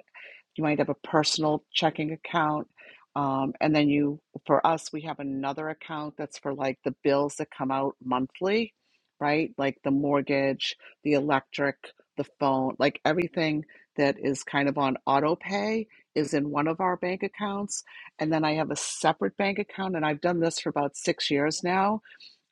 Speaker 1: you might have a personal checking account. Um, and then you, for us, we have another account that's for like the bills that come out monthly, right? Like the mortgage, the electric, the phone, like everything that is kind of on auto pay is in one of our bank accounts. And then I have a separate bank account, and I've done this for about six years now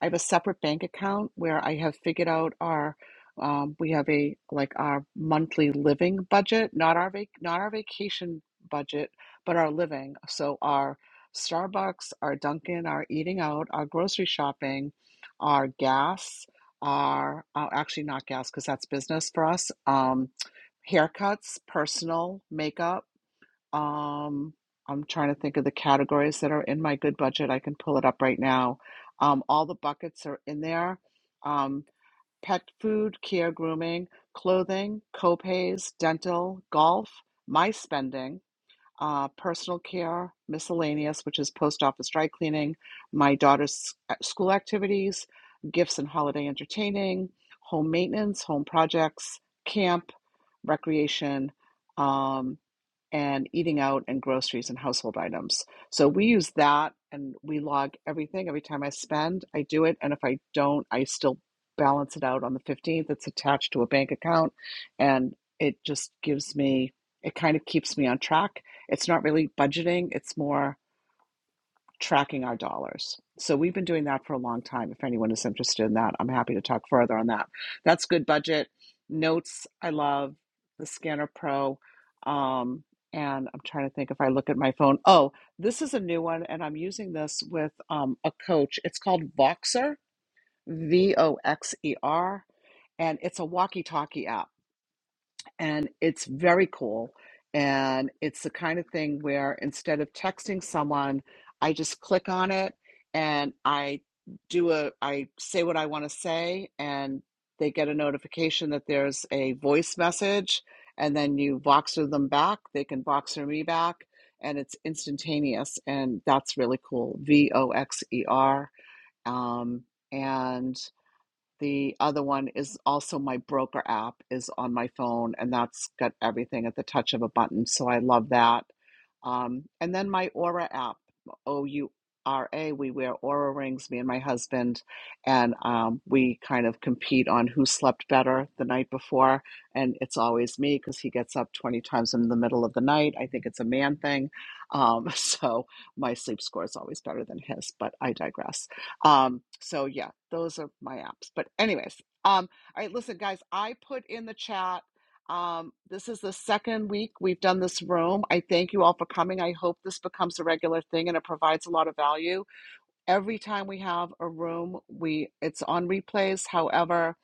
Speaker 1: I have a separate bank account where I have figured out our um, we have a like our monthly living budget, not our vac not our vacation budget, but our living. So our Starbucks, our Dunkin', our eating out, our grocery shopping, our gas, our uh, actually not gas because that's business for us. Um, haircuts, personal makeup um, I'm trying to think of the categories that are in my good budget. I can pull it up right now. Um, all the buckets are in there. Um, pet food, care, grooming, clothing, copays, dental, golf, my spending, uh, personal care, miscellaneous, which is post office dry cleaning, my daughter's s- school activities, gifts and holiday entertaining, home maintenance, home projects, camp recreation, um, and eating out and groceries and household items. So we use that and we log everything. Every time I spend, I do it. And if I don't, I still balance it out on the 15th. It's attached to a bank account and it just gives me, it kind of keeps me on track. It's not really budgeting, it's more tracking our dollars. So we've been doing that for a long time. If anyone is interested in that, I'm happy to talk further on that. That's good budget. Notes, I love the Scanner Pro. Um, and I'm trying to think if I look at my phone. Oh, this is a new one, and I'm using this with um, a coach. It's called Voxer, V O X E R, and it's a walkie talkie app and it's very cool. And it's the kind of thing where instead of texting someone, I just click on it and I do a, I say what I want to say, and they get a notification that there's a voice message. And then you Voxer them back, they can Voxer me back, and it's instantaneous. And that's really cool. V O X E R. Um, and the other one is also my broker app is on my phone, and that's got everything at the touch of a button. So I love that. Um, and then my Aura app, O U R A, we wear Aura rings, me and my husband, and um, we kind of compete on who slept better the night before. And it's always me because he gets up 20 times in the middle of the night. I think it's a man thing. Um, <laughs> so my sleep score is always better than his, but I digress. Um, so yeah, those are my apps. But, anyways, um, all right, listen, guys, I put in the chat. Um, this is the second week we've done this room. I thank you all for coming. I hope this becomes a regular thing and it provides a lot of value every time we have a room we it's on replays however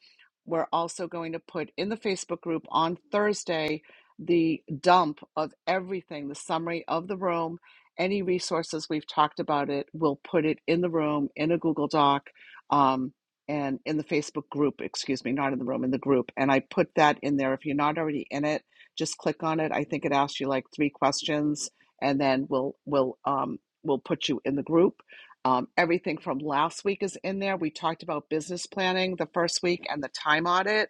Speaker 1: we're also going to put in the facebook group on thursday the dump of everything the summary of the room any resources we've talked about it we'll put it in the room in a google doc um, and in the facebook group excuse me not in the room in the group and i put that in there if you're not already in it just click on it i think it asks you like three questions and then we'll we'll um, we'll put you in the group um, everything from last week is in there. We talked about business planning the first week and the time audit.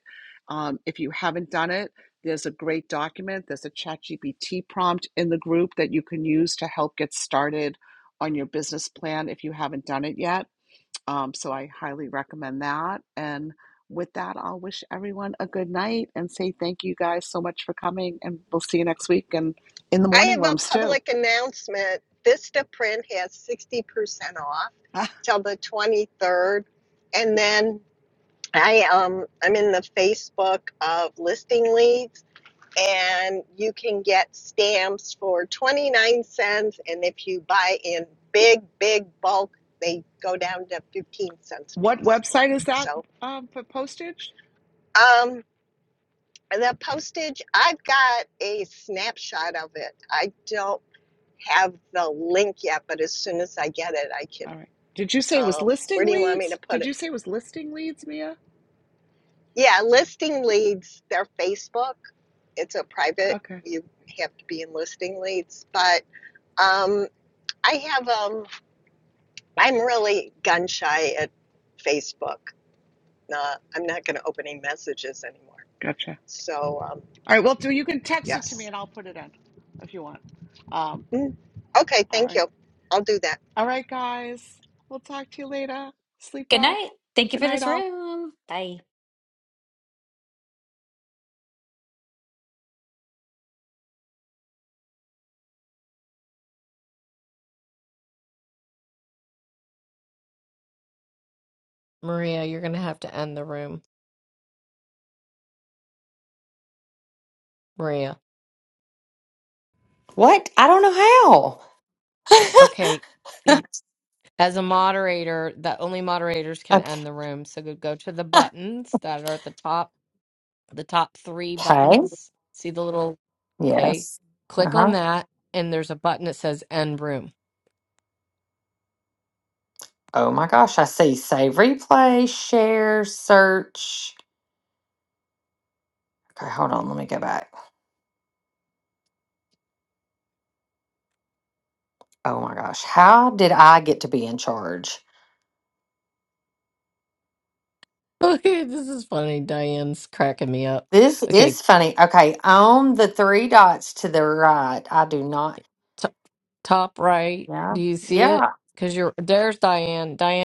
Speaker 1: Um, if you haven't done it, there's a great document. There's a ChatGPT prompt in the group that you can use to help get started on your business plan if you haven't done it yet. Um, so I highly recommend that. And with that, I'll wish everyone a good night and say thank you guys so much for coming. And we'll see you next week and in the
Speaker 14: I
Speaker 1: morning
Speaker 14: have a
Speaker 1: rooms too.
Speaker 14: public announcement. Vista Print has 60% off till the 23rd. And then I um I'm in the Facebook of listing leads and you can get stamps for 29 cents and if you buy in big big bulk they go down to 15
Speaker 1: <laughs>
Speaker 14: cents a
Speaker 1: what
Speaker 14: piece.
Speaker 1: website is that
Speaker 14: So
Speaker 1: um, for postage?
Speaker 14: um The postage, I've got a snapshot of it. I don't have the link yet, but as soon as I get it, I can.
Speaker 1: All right. Did you say it was
Speaker 14: Um, where
Speaker 1: listing
Speaker 14: do you want me to
Speaker 1: leads?
Speaker 14: put
Speaker 1: Did
Speaker 14: it?
Speaker 1: you say it was listing leads, Mia?
Speaker 14: Yeah, listing leads, They're Facebook. It's a private,
Speaker 1: Okay.
Speaker 14: you have to be in listing leads. But um, I have, um, I'm really gun shy at Facebook. Uh, I'm not going to open any messages anymore.
Speaker 1: Gotcha.
Speaker 14: So, um,
Speaker 1: All right. Well, do you can text it to me
Speaker 14: yes.
Speaker 1: and I'll put it in if you want. Um,
Speaker 14: Mm. Okay,
Speaker 1: all
Speaker 14: thank
Speaker 1: right.
Speaker 14: you. I'll do that.
Speaker 1: All right, guys. We'll talk to you later. Sleep
Speaker 2: Good
Speaker 1: well.
Speaker 2: night. Thank you
Speaker 1: Good
Speaker 2: for
Speaker 1: night,
Speaker 2: this
Speaker 1: all.
Speaker 2: room. Bye.
Speaker 8: Maria, you're going to have to end the room. Maria.
Speaker 4: What? I don't know how.
Speaker 8: Okay. Y- As a moderator, that only moderators can
Speaker 4: Okay.
Speaker 8: end the room. So go go to the buttons that are at the top, the top three
Speaker 4: Okay.
Speaker 8: buttons. See the little, okay,
Speaker 4: Yes.
Speaker 8: click on
Speaker 4: Uh-huh.
Speaker 8: that. And there's a button that says end room
Speaker 4: Oh my gosh, I see save replay, share, search. Okay, hold on, let me go back. Oh my gosh, how did I get to be in charge?
Speaker 8: <laughs> Okay, this is funny. Diane's cracking me up.
Speaker 4: This
Speaker 8: Okay,
Speaker 4: is funny. Okay, on the three dots to the right, I do not.
Speaker 8: t- top right.
Speaker 4: Yeah,
Speaker 8: Do you see
Speaker 4: yeah,
Speaker 8: it? Because you're there's Diane. Diane.